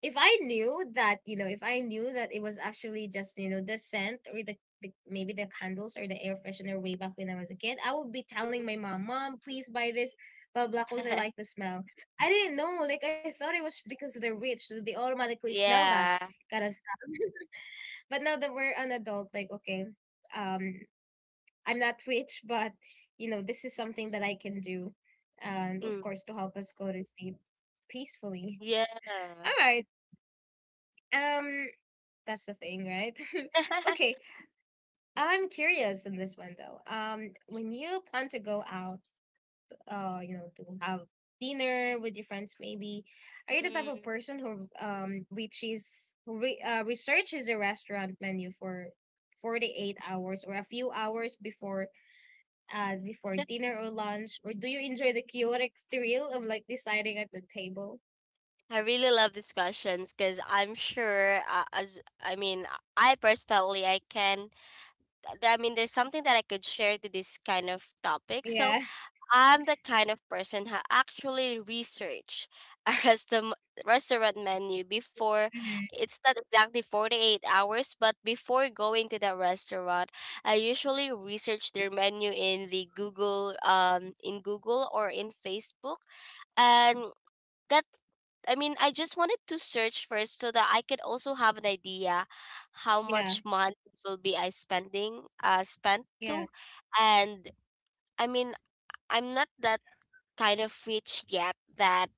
A: If I knew that, you know, if I knew that it was actually just, you know, the scent or the, maybe the candles or the air freshener way back when I was a kid, I would be
B: mm.
A: telling my mom, Mom, please buy this, blah, blah, because I like
B: [laughs]
A: the smell. I didn't know. Like, I thought it was because they're rich, so they automatically smell that
B: Yeah.
A: kind of stuff. [laughs] But now that we're an adult, like, okay, um, I'm not rich, but, you know, this is something that I can do. And of
B: Mm,
A: course, to help us go to sleep peacefully.
B: yeah.
A: All right. Um, That's the thing, right? [laughs]
B: [laughs]
A: Okay, I'm curious in this one though. When you plan to go out, you know, to have dinner with your friends, maybe, are you the type of
B: Mm,
A: person who researches a restaurant menu for 48 hours or a few hours before before
B: [laughs]
A: dinner or lunch, or do you enjoy the chaotic thrill of like deciding at the table?
B: I really love these questions because I'm sure, as I mean, I personally I can. Th- I mean, there's something that I could share to this kind of topic. So
A: Yeah.
B: I'm the kind of person who actually research a [laughs] restaurant menu before.
A: Hmm.
B: It's not exactly 48 hours, but before going to the restaurant, I usually research their menu in the Google, in Google or in Facebook. And. That I mean, I just wanted to search first so that I could also have an idea how much
A: Yeah.
B: money will be I spending spent to.
A: Yeah.
B: And I mean, I'm not that kind of rich yet that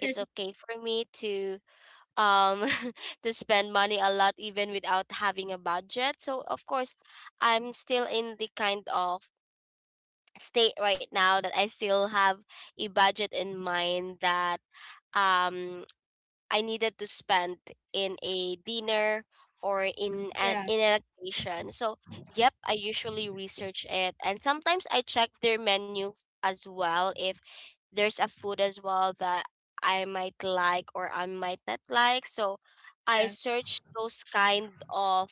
B: it's okay for me to um, [laughs] to spend money a lot even without having a budget. So of course, I'm still in the kind of state right now that I still have a budget in mind that um, I needed to spend in a dinner or in an,
A: Yeah.
B: in an occasion. So yep, I usually research it, and sometimes I check their menu as well if there's a food as well that I might like or I might not like. So I
A: Yeah.
B: search those kind of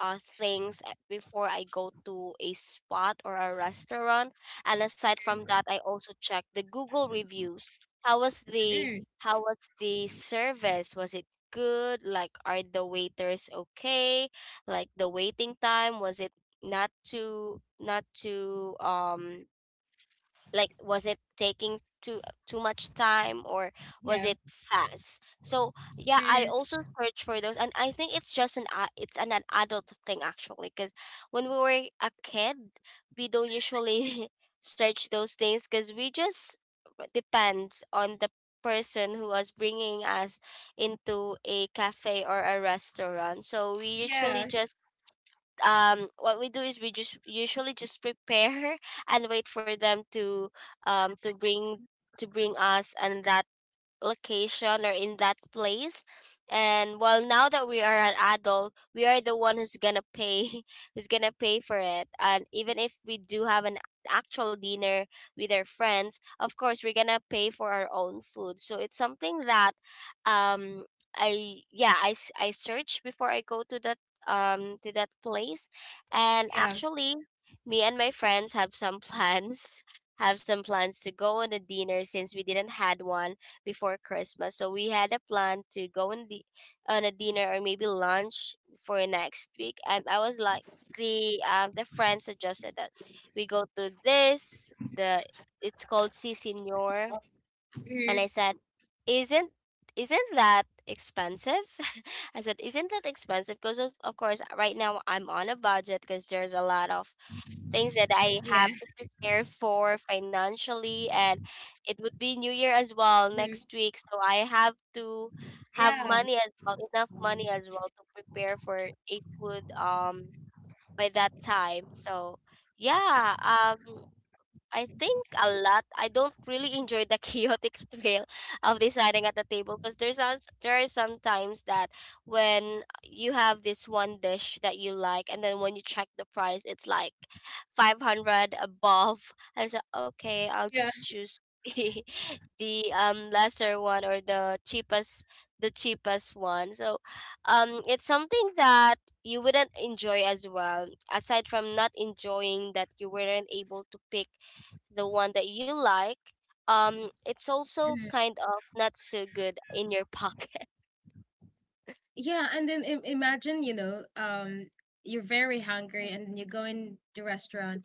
B: things before I go to a spot or a restaurant. And aside from that, I also check the Google reviews. How was the
A: Mm,
B: how was the service? Was it good? Like, are the waiters okay? Like the waiting time, was it not too um, like was it taking too much time, or was it
A: yeah.
B: fast? So yeah, I
A: Mm.
B: also search for those, and I think it's just an a- it's an adult thing actually, because when we were a kid, we don't usually [laughs] search those things because we just depends on the person who was bringing us into a cafe or a restaurant. So we usually
A: Yeah,
B: just um, what we do is we just usually just prepare [laughs] and wait for them to um, to bring us and that location or in that place. And well, now that we are an adult, we are the one who's gonna pay [laughs] who's gonna pay for it. And even if we do have an actual dinner with our friends, of course we're gonna pay for our own food. So it's something that um, I search before I go to that um, to that place. And
A: yeah,
B: actually, me and my friends have some plans, [laughs] have some plans to go on a dinner since we didn't had one before Christmas. So we had a plan to go on the on a dinner, or maybe lunch for next week. And I was like, the friend suggested that we go to this, the it's called Si
A: mhm,
B: Senor. And I said, Isn't isn't that expensive? [laughs] I said, "Isn't that expensive?" Of course right now I'm on a budget because there's a lot of
A: yeah,
B: things that I have to prepare for financially, and it would be
A: mhm,
B: New Year as well next week. So I have
A: yeah,
B: to have money as well, enough money as well to prepare for a food by that time. So yeah, I think a lot. I don't really enjoy the chaotic [laughs] thrill of deciding at the table because there are some times that when you have this one dish that you like, and then when you check the price, it's like 500 above. And so, okay, I'll
A: yeah,
B: just choose [laughs] the lesser one or the cheapest one. So, it's something that you wouldn't enjoy as well. Aside from not enjoying that you weren't able to pick the one that you like, it's also
A: mhm.
B: kind of not so good in your pocket. [laughs]
A: Yeah. And then, imagine, you know, you're very hungry, and then you go in the restaurant.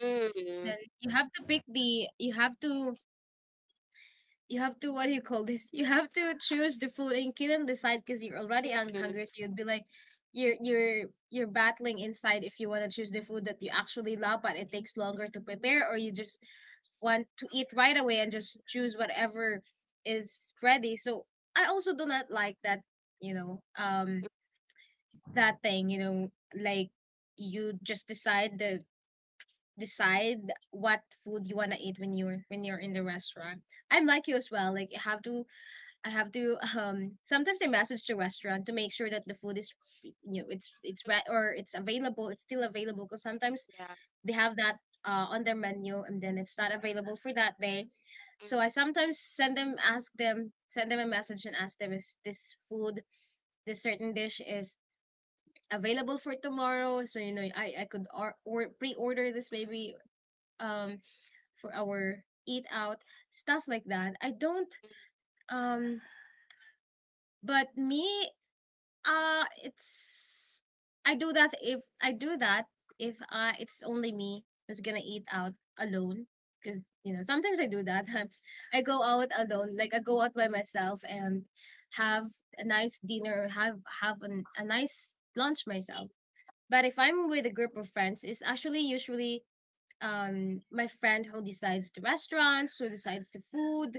A: Then
B: Mm,
A: you have to pick the, you have to, you have to, what do you call this? You have to choose the food, and you couldn't decide because you're already
B: mm,
A: hungry. So you'd be like, you're you're you're battling inside if you want to choose the food that you actually love, but it takes longer to prepare, or you just want to eat right away and just choose whatever is ready. So I also do not like that, you know, that thing, you know, like you just decide what food you want to eat when you're in the restaurant. I'm like you as well. Like I have to [laughs] sometimes I message the restaurant to make sure that the food is you know it's
B: mm,
A: right, or it's available, it's still available, because sometimes
B: yeah.
A: they have that on their menu and then it's not available for that day.
B: Mm,
A: So I sometimes send them a message and ask them if this food, this certain dish, is available for tomorrow, so you know I could, or pre-order this maybe um for our eat out, stuff like that I don't.
B: mm,
A: um but me. It's I do that, if it's only me who's gonna eat out alone, because you know sometimes I do that. [laughs] I go out alone, like I go out by myself and have a nice dinner, a nice lunch myself. But if I'm with a group of friends, it's actually usually my friend who decides the restaurants, who decides the food.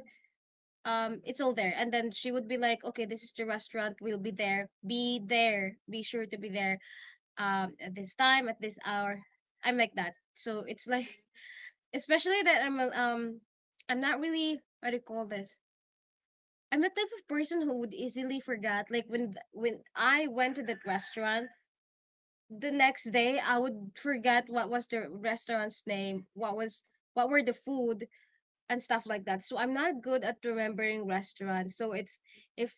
A: It's all there and then she would be like, okay, this is the restaurant, we'll be there be there be sure to be there at this time, at this hour. I'm like that, so it's like [laughs] especially that I'm not really, what do you call this, I'm the type of person who would easily forget, like when I went to that restaurant, the next day I would forget what was the restaurant's name, what was, what were the food, and stuff like that. So I'm not good at remembering restaurants. So it's if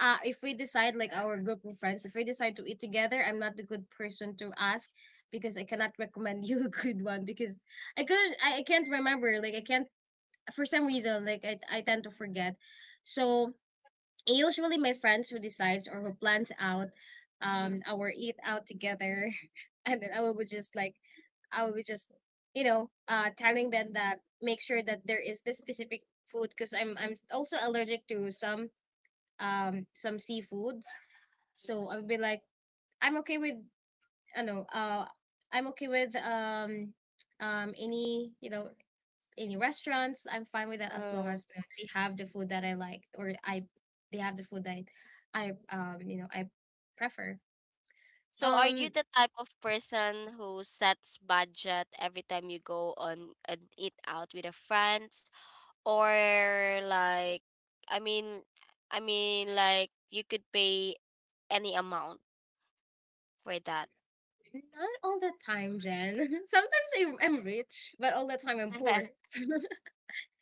A: if we decide, like our group of friends, if we decide to eat together, I'm not the good person to ask because I cannot recommend [laughs] you a good one, because I can't remember. Like I can't, for some reason, like I tend to forget. So usually my friends who decides or who plans out
B: mm.
A: our eat out together. [laughs] And then I will be just like, I will be just you know, telling them that make sure that there is this specific food, because I'm also allergic to some, some seafoods. So I would be like, I'm okay with, I know, I'm okay with, any, you know, any restaurants. I'm fine with that, as long
B: Uh,
A: as you know, they have the food that I like, or I they have the food that I, you know, I prefer.
B: so are you
A: Um,
B: the type of person who sets budget every time you go on an eat out with a friends? Or like, I mean I mean, like, you could pay any amount for that.
A: Not all the time, Jen. [laughs] Sometimes I'm rich, but all the time I'm poor.
B: [laughs]
A: [laughs]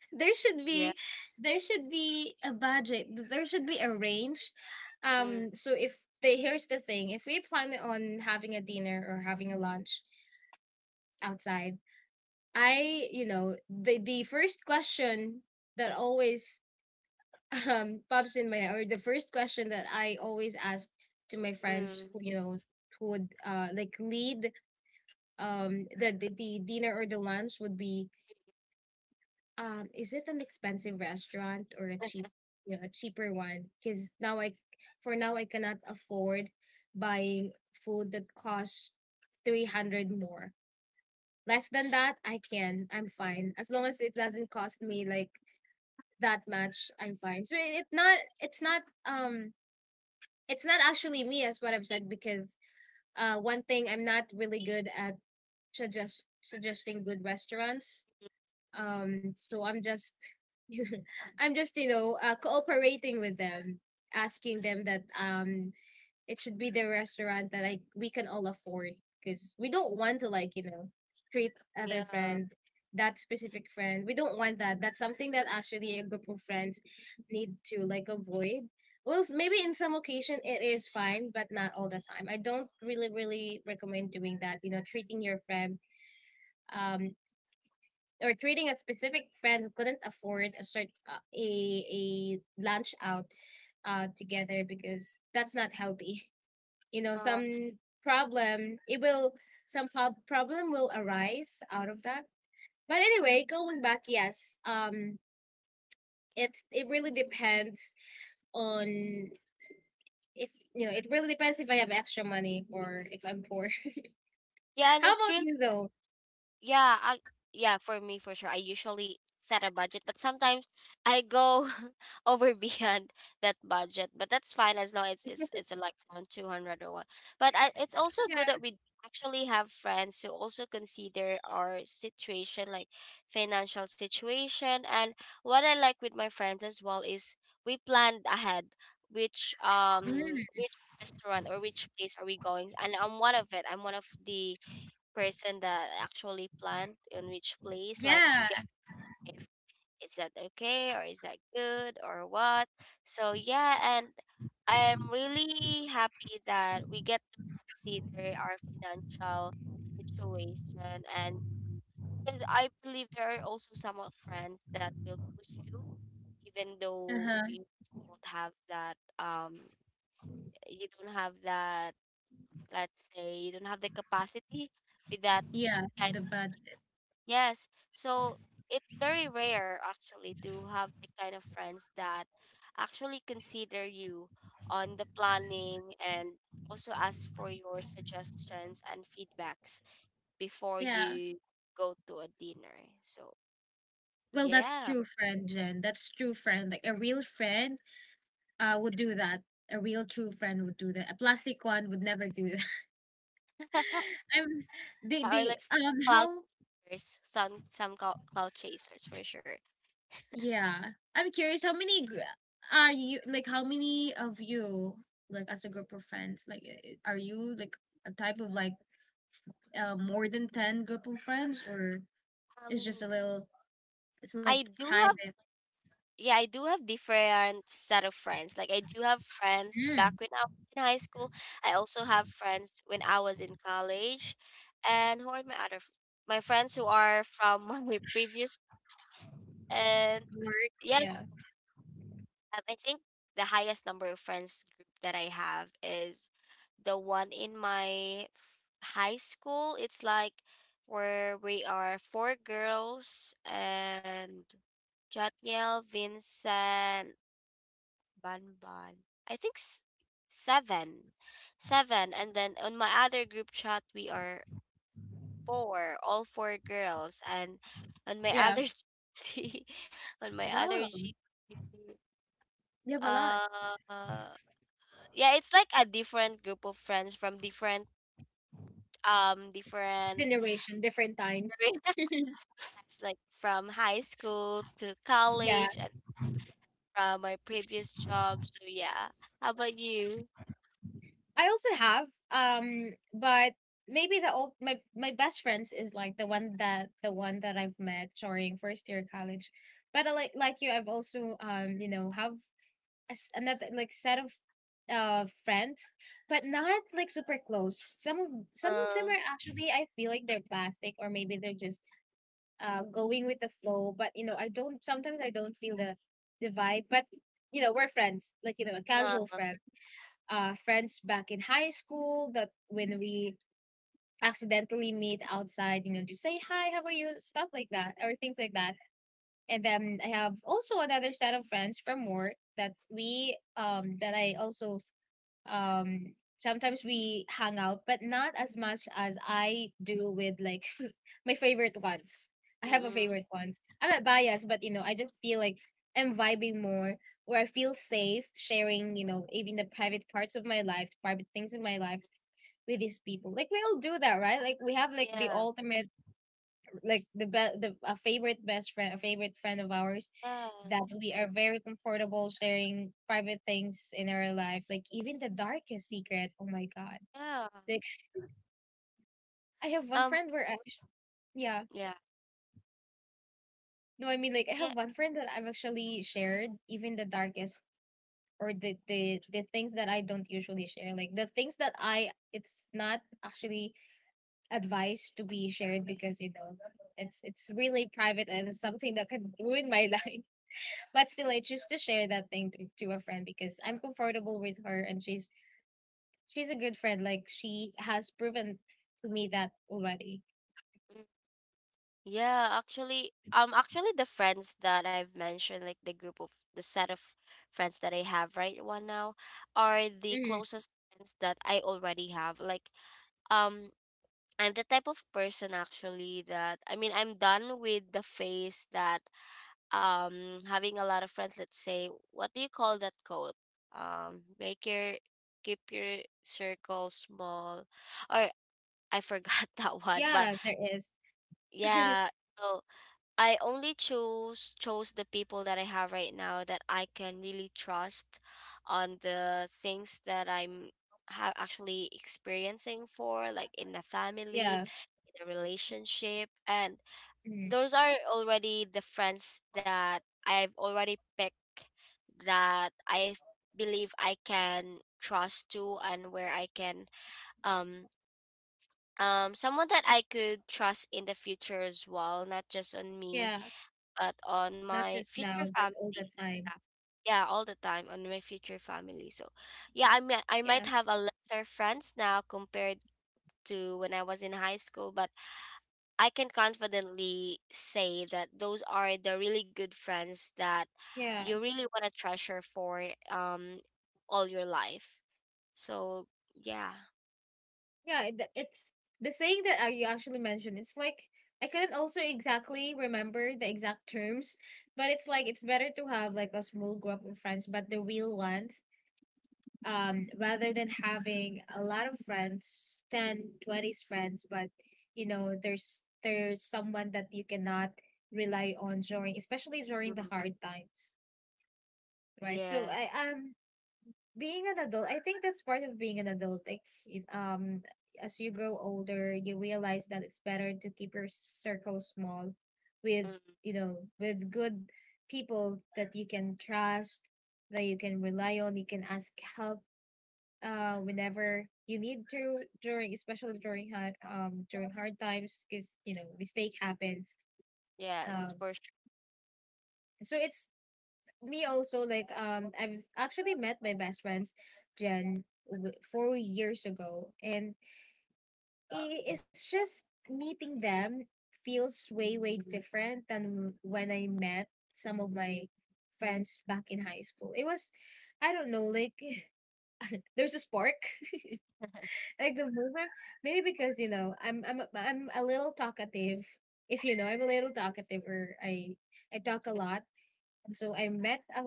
A: So there should
B: Yeah.
A: be, there should be a budget. There should be a range.
B: Mm,
A: So if they, here's the thing, if we plan on having a dinner or having a lunch outside, I, you know, the first question that always pops in my head, or the first question that I always asked to my friends
B: mm.
A: who, you know, who would like lead the, the dinner or the lunch would be, is it an expensive restaurant or a cheap,
B: [laughs]
A: you know, a cheaper one, because now I for now I cannot afford buying food that costs 300. More, less than that I can, I'm fine, as
B: Yeah.
A: long as it doesn't cost me like that much. I'm fine. So it not, it's not it's not actually me, as what I've said, because one thing I'm not really good at, suggesting good restaurants. So I'm just [laughs] I'm just, you know, cooperating with them, asking them that it should be the restaurant that, like, we can all afford, because we don't want to, like, you know, treat other
B: Yeah.
A: friend, that specific friend, we don't want that. That's something that actually a group of friends need to, like, avoid. Well, maybe in some occasion it is fine, but not all the time. I don't really really recommend doing that, you know, treating your friend, um or treating a specific friend who couldn't afford a a lunch out together, because that's not healthy, you know.
B: Uh,
A: Some problem it will problem will arise out of that. But anyway, going back, yes, it's it really depends on, if you know, it really depends if I have extra money or if I'm poor.
B: yeah,
A: [laughs]
B: and
A: How
B: it's
A: about
B: really,
A: you though?
B: yeah, I, yeah, for me for sure. I usually set a budget, but sometimes I go [laughs] over beyond that budget. But that's fine as long as it's like around 200 or what. It's also
A: [laughs]
B: good
A: Yeah.
B: that we actually have friends who also consider our situation, like financial situation. And what I like with my friends as well is we planned ahead which
A: Mm,
B: restaurant or which place are we going. And I'm one of it. I'm one of the person that actually plant in which place, like we
A: yeah.
B: get, if is that okay or is that good or what. So yeah, and I'm really happy that we get to consider our financial situation, and 'cause I believe there are also some of friends that will push you even though
A: Uh-huh.
B: you don't have that, you don't have that, let's say you don't have the capacity with that
A: Yeah.
B: kind.
A: The bad.
B: Yes. So it's very rare actually to have the kind of friends that actually consider you on the planning and also ask for your suggestions and feedbacks before
A: Yeah.
B: you go to a dinner. So
A: Well, that's
B: yeah.
A: true friend, Jen, that's true friend. Like a real friend would do that. A real true friend would do that, a plastic one would never do.
B: [laughs]
A: I'm, they
B: Or
A: they
B: like cloud
A: how.
B: chasers, some cloud chasers for sure.
A: Yeah. I'm curious how many are you like, how many of you, like, as a group of friends, like are you like a type of like more than 10 group of friends, or it's just a
B: Um,
A: little, it's like
B: I do have,
A: private.
B: yeah, I do have different set of friends. Like I do have friends back
A: Mm.
B: when I was in high school. I also have friends when I was in college. And who are my other f- my friends who are from [laughs] my previous, and
A: Work.
B: yes,
A: Yeah.
B: I think the highest number of friends group that I have is the one in my high school. It's like where we are four girls and Jotniel, Vincent, Ban ban. I think seven. Seven. And then on my other group chat, we are four, all four girls. And on my
A: Yeah.
B: other [laughs] GC, on my other
A: Wow,
B: GC,
A: you have a lot.
B: uh, yeah, it's like a different group of friends from different, different
A: Generation, different times.
B: careers, [laughs] like from high school to
A: Yeah.
B: college and from my previous job. So yeah. How about you?
A: I also have, but maybe the old my best friends is like the one that I've met during first year college. But I, like you, I've also you know have a s another like set of friends, but not like super close. Some of, some of them
B: Uh,
A: are actually, I feel like they're plastic, or maybe they're just going with the flow. But, you know, I don't, sometimes I don't feel the vibe. But you know we're friends, like, you know, a casual
B: uh,
A: friend, friends back in high school that when we accidentally meet outside, you know, just say hi, how are you, stuff like that, or things like that. And then I have also another set of friends from work that we that I also sometimes we hang out, but not as much as I do with like [laughs] my favorite ones. I have a
B: mm-mm.
A: favorite ones, I'm not biased,
B: [laughs]
A: but you know I just feel like I'm vibing more, where I feel safe sharing, you know, even the private parts of my life, private things in my life, with these people. Like we all do that, right? Like we have like the
B: Yeah.
A: ultimate, like the a favorite best friend, a favorite friend of ours
B: Yeah,
A: that we are very comfortable sharing private things in our life, like even the darkest secret. Oh my god.
B: yeah.
A: Like I have one
B: Um,
A: friend where I, yeah.
B: yeah,
A: No, I mean like I
B: yeah.
A: have one friend that I've actually shared even the darkest, or the, the things that I don't usually share. Like the things that I, it's not actually advised to be shared, because you know it's really private, and it's something that can ruin my [laughs] life. But still,
B: Mm,
A: I choose to share that thing to a friend, because I'm comfortable with her, and she's a good friend. Like she has proven to me that already.
B: mm. Yeah, actually, actually, the friends that I've mentioned, like the group of the set of friends that I have right one now, are the
A: Mhm.
B: closest friends that I already have. Like, um, I'm the type of person actually that, I mean, I'm done with the phase that, um, having a lot of friends. Let's say, what do you call that code, um, make your, keep your circle small, or I forgot [laughs] that one. But
A: Yeah, there is. [laughs]
B: yeah, so I only choose chose the people that I have right now that I can really trust on the things that I'm have actually experiencing for, like, in a family,
A: Yeah,
B: in a relationship. And
A: mhm.
B: those are already the friends that I've already picked that I believe I can trust to and where I can, um um, someone that I could trust in the future as well, not just on me
A: Yeah.
B: but on
A: Not
B: my
A: just
B: future
A: now, but
B: family
A: all the
B: and
A: time.
B: stuff. Yeah, all the time on my future family. So, yeah, I mean, I might
A: Yeah,
B: have a lesser friends now compared to when I was in high school, but I can confidently say that those are the really good friends that
A: yeah,
B: you really want to treasure for all your life. So, yeah.
A: yeah. It, it's the saying that you actually mentioned. It's like, I couldn't also exactly remember the exact terms, but it's like it's better to have like a small group of friends, but the real ones, rather than having a lot of friends, 10, 20 friends, but you know there's someone that you cannot rely on during, especially during
B: Mm,
A: the hard times, right? So
B: yes.
A: I, being an adult, I think that's part of being an adult, like as you grow older you realize that it's better to keep your circle small, with,
B: Mm,
A: you know, with good people that you can trust, that you can rely on, you can ask help, whenever you need to, during, especially during hard, during hard times, because you know mistake happens.
B: yes,
A: um
B: for sure.
A: so it's me also, like, I've actually met my best friends, Jen, 4 years ago, and it's just meeting them feels way way different than when I met some of my friends back in high school. It was, I don't know, like [laughs] there's a spark, like the movement, maybe because, you know, I'm a- little talkative, if you know, I'm a little talkative, or I talk a
B: [laughs]
A: lot, and so I met a,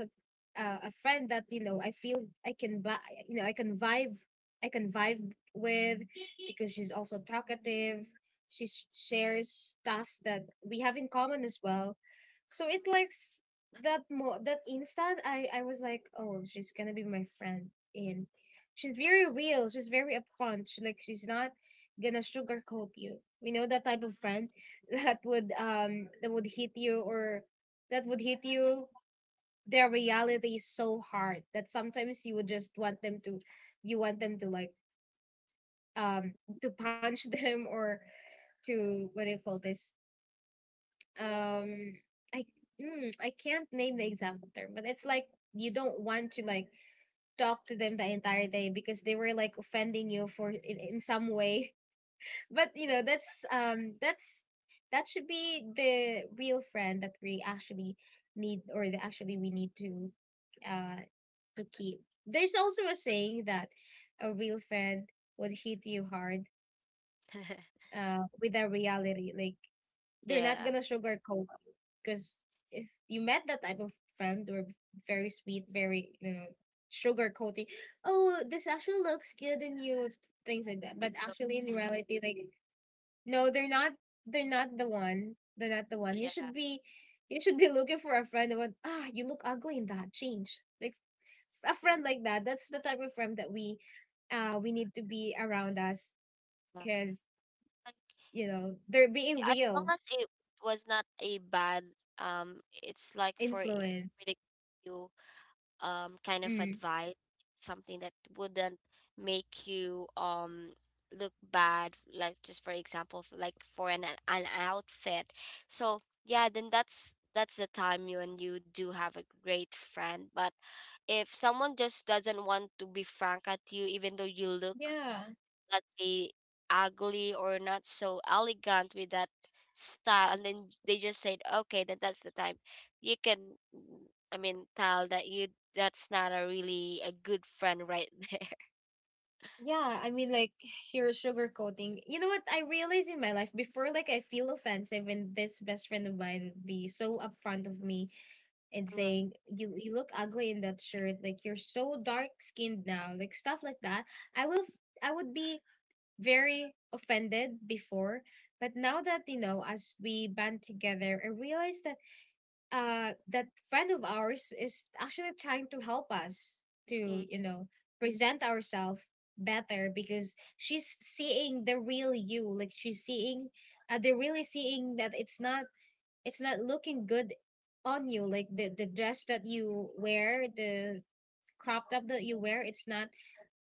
A: a friend that, you know, I feel I can you know I can vibe, I can vibe with, because she's also talkative. She shares stuff that we have in common as well. So it likes that instant I was like, oh, she's gonna be my friend. And she's very real, she's very upfront, she like she's not gonna sugarcoat you. We know that type of friend [laughs] that would hit you, or that would hit you. Their reality is so hard that sometimes you would just want them to, you want them to, like, um to punch [laughs] them, or to, what do you call this, um i I can't name the example term, but it's like you don't want to, like, talk to them the entire day because they were, like, offending you for in some way. But you know that's that's, that should be the real friend that we actually need, or the actually we need uh to keep. There's also a saying that a real friend would hit you hard, uh, with a reality, like they're not
B: Yeah.
A: gonna sugarcoat you. Because if you met that type of friend, or very sweet, very, you know, sugarcoating, oh, this actually looks good in you, things like that, but
B: Even though,
A: actually in reality, like, no, they're not, they're not the one. They're not the one. You
B: yeah.
A: should be, you should be looking for a friend that, ah, you look ugly in that. Change. Like, a friend like that. That's the type of friend that we, uh, we need to be around us because
B: Uh,
A: you know they're being
B: as long
A: real
B: as it was not a bad, it's like
A: influence.
B: for the you, kind of
A: Mm.
B: advice, something that wouldn't make you, look bad, like just for example, like for an an outfit. So yeah, then that's the time you, and you do have a great friend. But if someone just doesn't want to be frank at you even though you look,
A: Yeah.
B: let's say, ugly or not so elegant with that style, and then they just said okay, then that's the time you can, mm, I mean tell that you, that's not a really a good friend right there.
A: Yeah, I mean, like, you're sugarcoating. You know what? I realized in my life before, like, I feel offensive when this best friend of mine would be so upfront of me and
B: [laughs]
A: saying you look ugly in that shirt, like you're so dark skinned now, like stuff like that. I would be very offended before, but now that, you know, as we band together, I realized that, uh, that friend of ours is actually trying to help us
B: Mm,
A: to,
B: mm,
A: you know, present ourselves better, because she's seeing the real you, like she's seeing, they're really seeing that it's not, it's not looking good on you, like the dress that you wear, the crop top that you wear, it's not,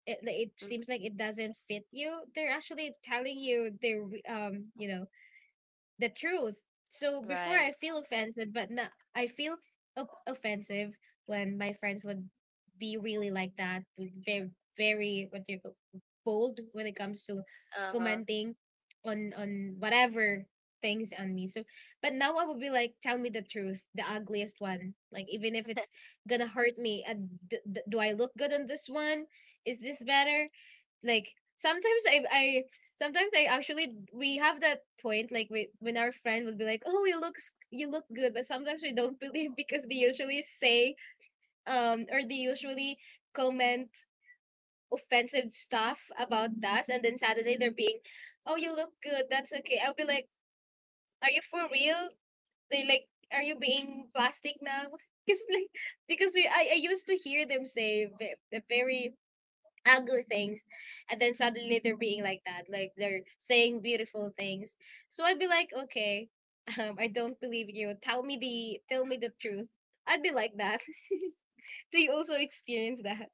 A: it
B: mm.
A: seems like it doesn't fit you. They're actually telling you, they're, you know, the truth. So before I
B: Right.
A: feel offended, but now I feel op- offensive when my friends would be really like that, very, very, what do you call, bold when it comes to
B: Uh-huh.
A: commenting on whatever things on me. So, but now I would be like, tell me the truth, the ugliest one. Like, even if it's
B: [laughs]
A: gonna hurt me, do I look good on this one? Is this better? Like, sometimes I I sometimes I actually, we have that point, like we, when our friend would be like, "Oh, you look s- you look good," but sometimes we don't [laughs] believe because they usually say or they usually comment offensive stuff about us, and then suddenly they're being, "Oh, you look good. That's okay." I'll be like, "Are you for real?" They like, "Are you being plastic now?" [laughs] Because like, because I used to hear them say ve- a very ugly things, and then suddenly they're being like that, like they're saying beautiful things. So I'd be like, okay, I don't believe you, tell me the, tell me the truth. I'd be like that. [laughs] Do you also experience that?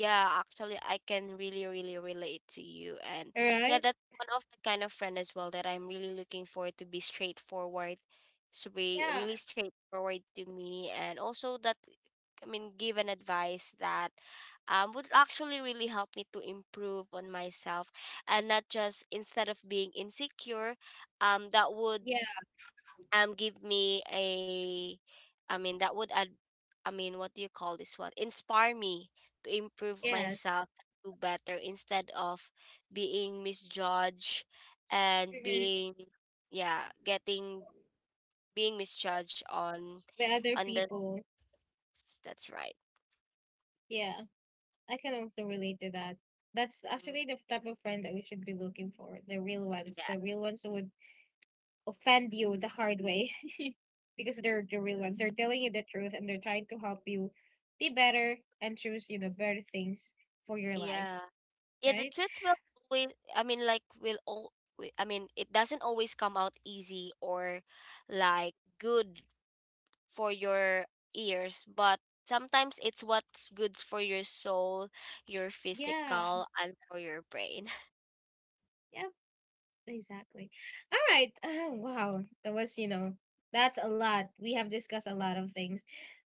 B: Yeah, actually, I can really, really relate to you. And
A: All
B: yeah,
A: right.
B: that's one of the kind of friend as well that I'm really looking for, to be straightforward, to be
A: Yeah.
B: really straightforward to me. And also that, I mean, give an advice that, would actually really help me to improve on myself and not just, instead of being insecure, that would,
A: Yeah.
B: um, give me a, I mean, that would add, I mean, what do you call this one, inspire me to improve
A: Yes.
B: myself to better instead of being misjudged and
A: Hmm.
B: being, yeah, getting being misjudged on
A: The other
B: on the,
A: people.
B: that's right.
A: Yeah, I can also relate to that. That's
B: Mm,
A: actually the type of friend that we should be looking for, the real ones,
B: yeah,
A: the real ones who would offend you the hard way. [laughs] Because they're the real ones. They're telling you the truth and they're trying to help you be better and choose, you know, better things for your life,
B: yeah, yeah, the
A: right?
B: truth will always, I mean like will all I mean, it doesn't always come out easy or like good for your ears, but sometimes it's what's good for your soul, your
A: Yeah.
B: physical, and for your brain. [laughs]
A: Yep. Exactly. All right. Wow. That was, you know, that's a lot. We have discussed a lot of things.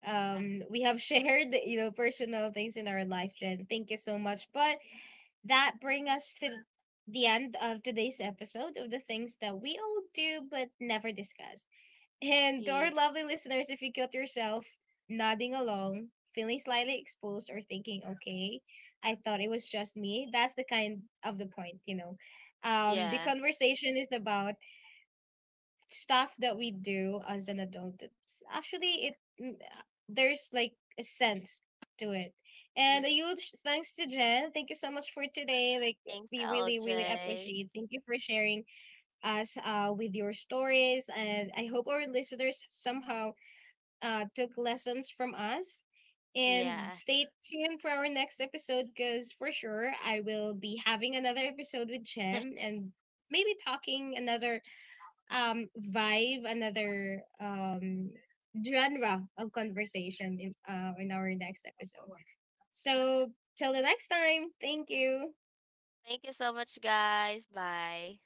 A: We have [laughs] shared, you know, personal things in our life, Jen. Thank you so much. But that brings us to the end of today's episode of The Things That We All Do But Never Discuss. And to our
B: Yeah.
A: lovely listeners, if you caught yourself nodding along, feeling slightly exposed, or thinking, okay, I thought it was just me, that's the kind of the point, you know. The
B: Yeah.
A: conversation is about stuff that we do as an adult. It's actually, mm, there's like a sense to it. And
B: Mm,
A: a huge thanks to Jen. Thank you so much for today. Like,
B: thanks,
A: we really, really
B: LJ.
A: appreciate. Thank you for sharing us, uh, with your stories, and I hope our listeners somehow, took lessons from us. And
B: Yeah.
A: stay tuned for our next episode because for sure I will be having another episode with Jem,
B: [laughs]
A: and maybe talking another, vibe, another, genre of conversation in, in our next episode. So till the next time, thank you.
B: Thank you so much, guys. Bye.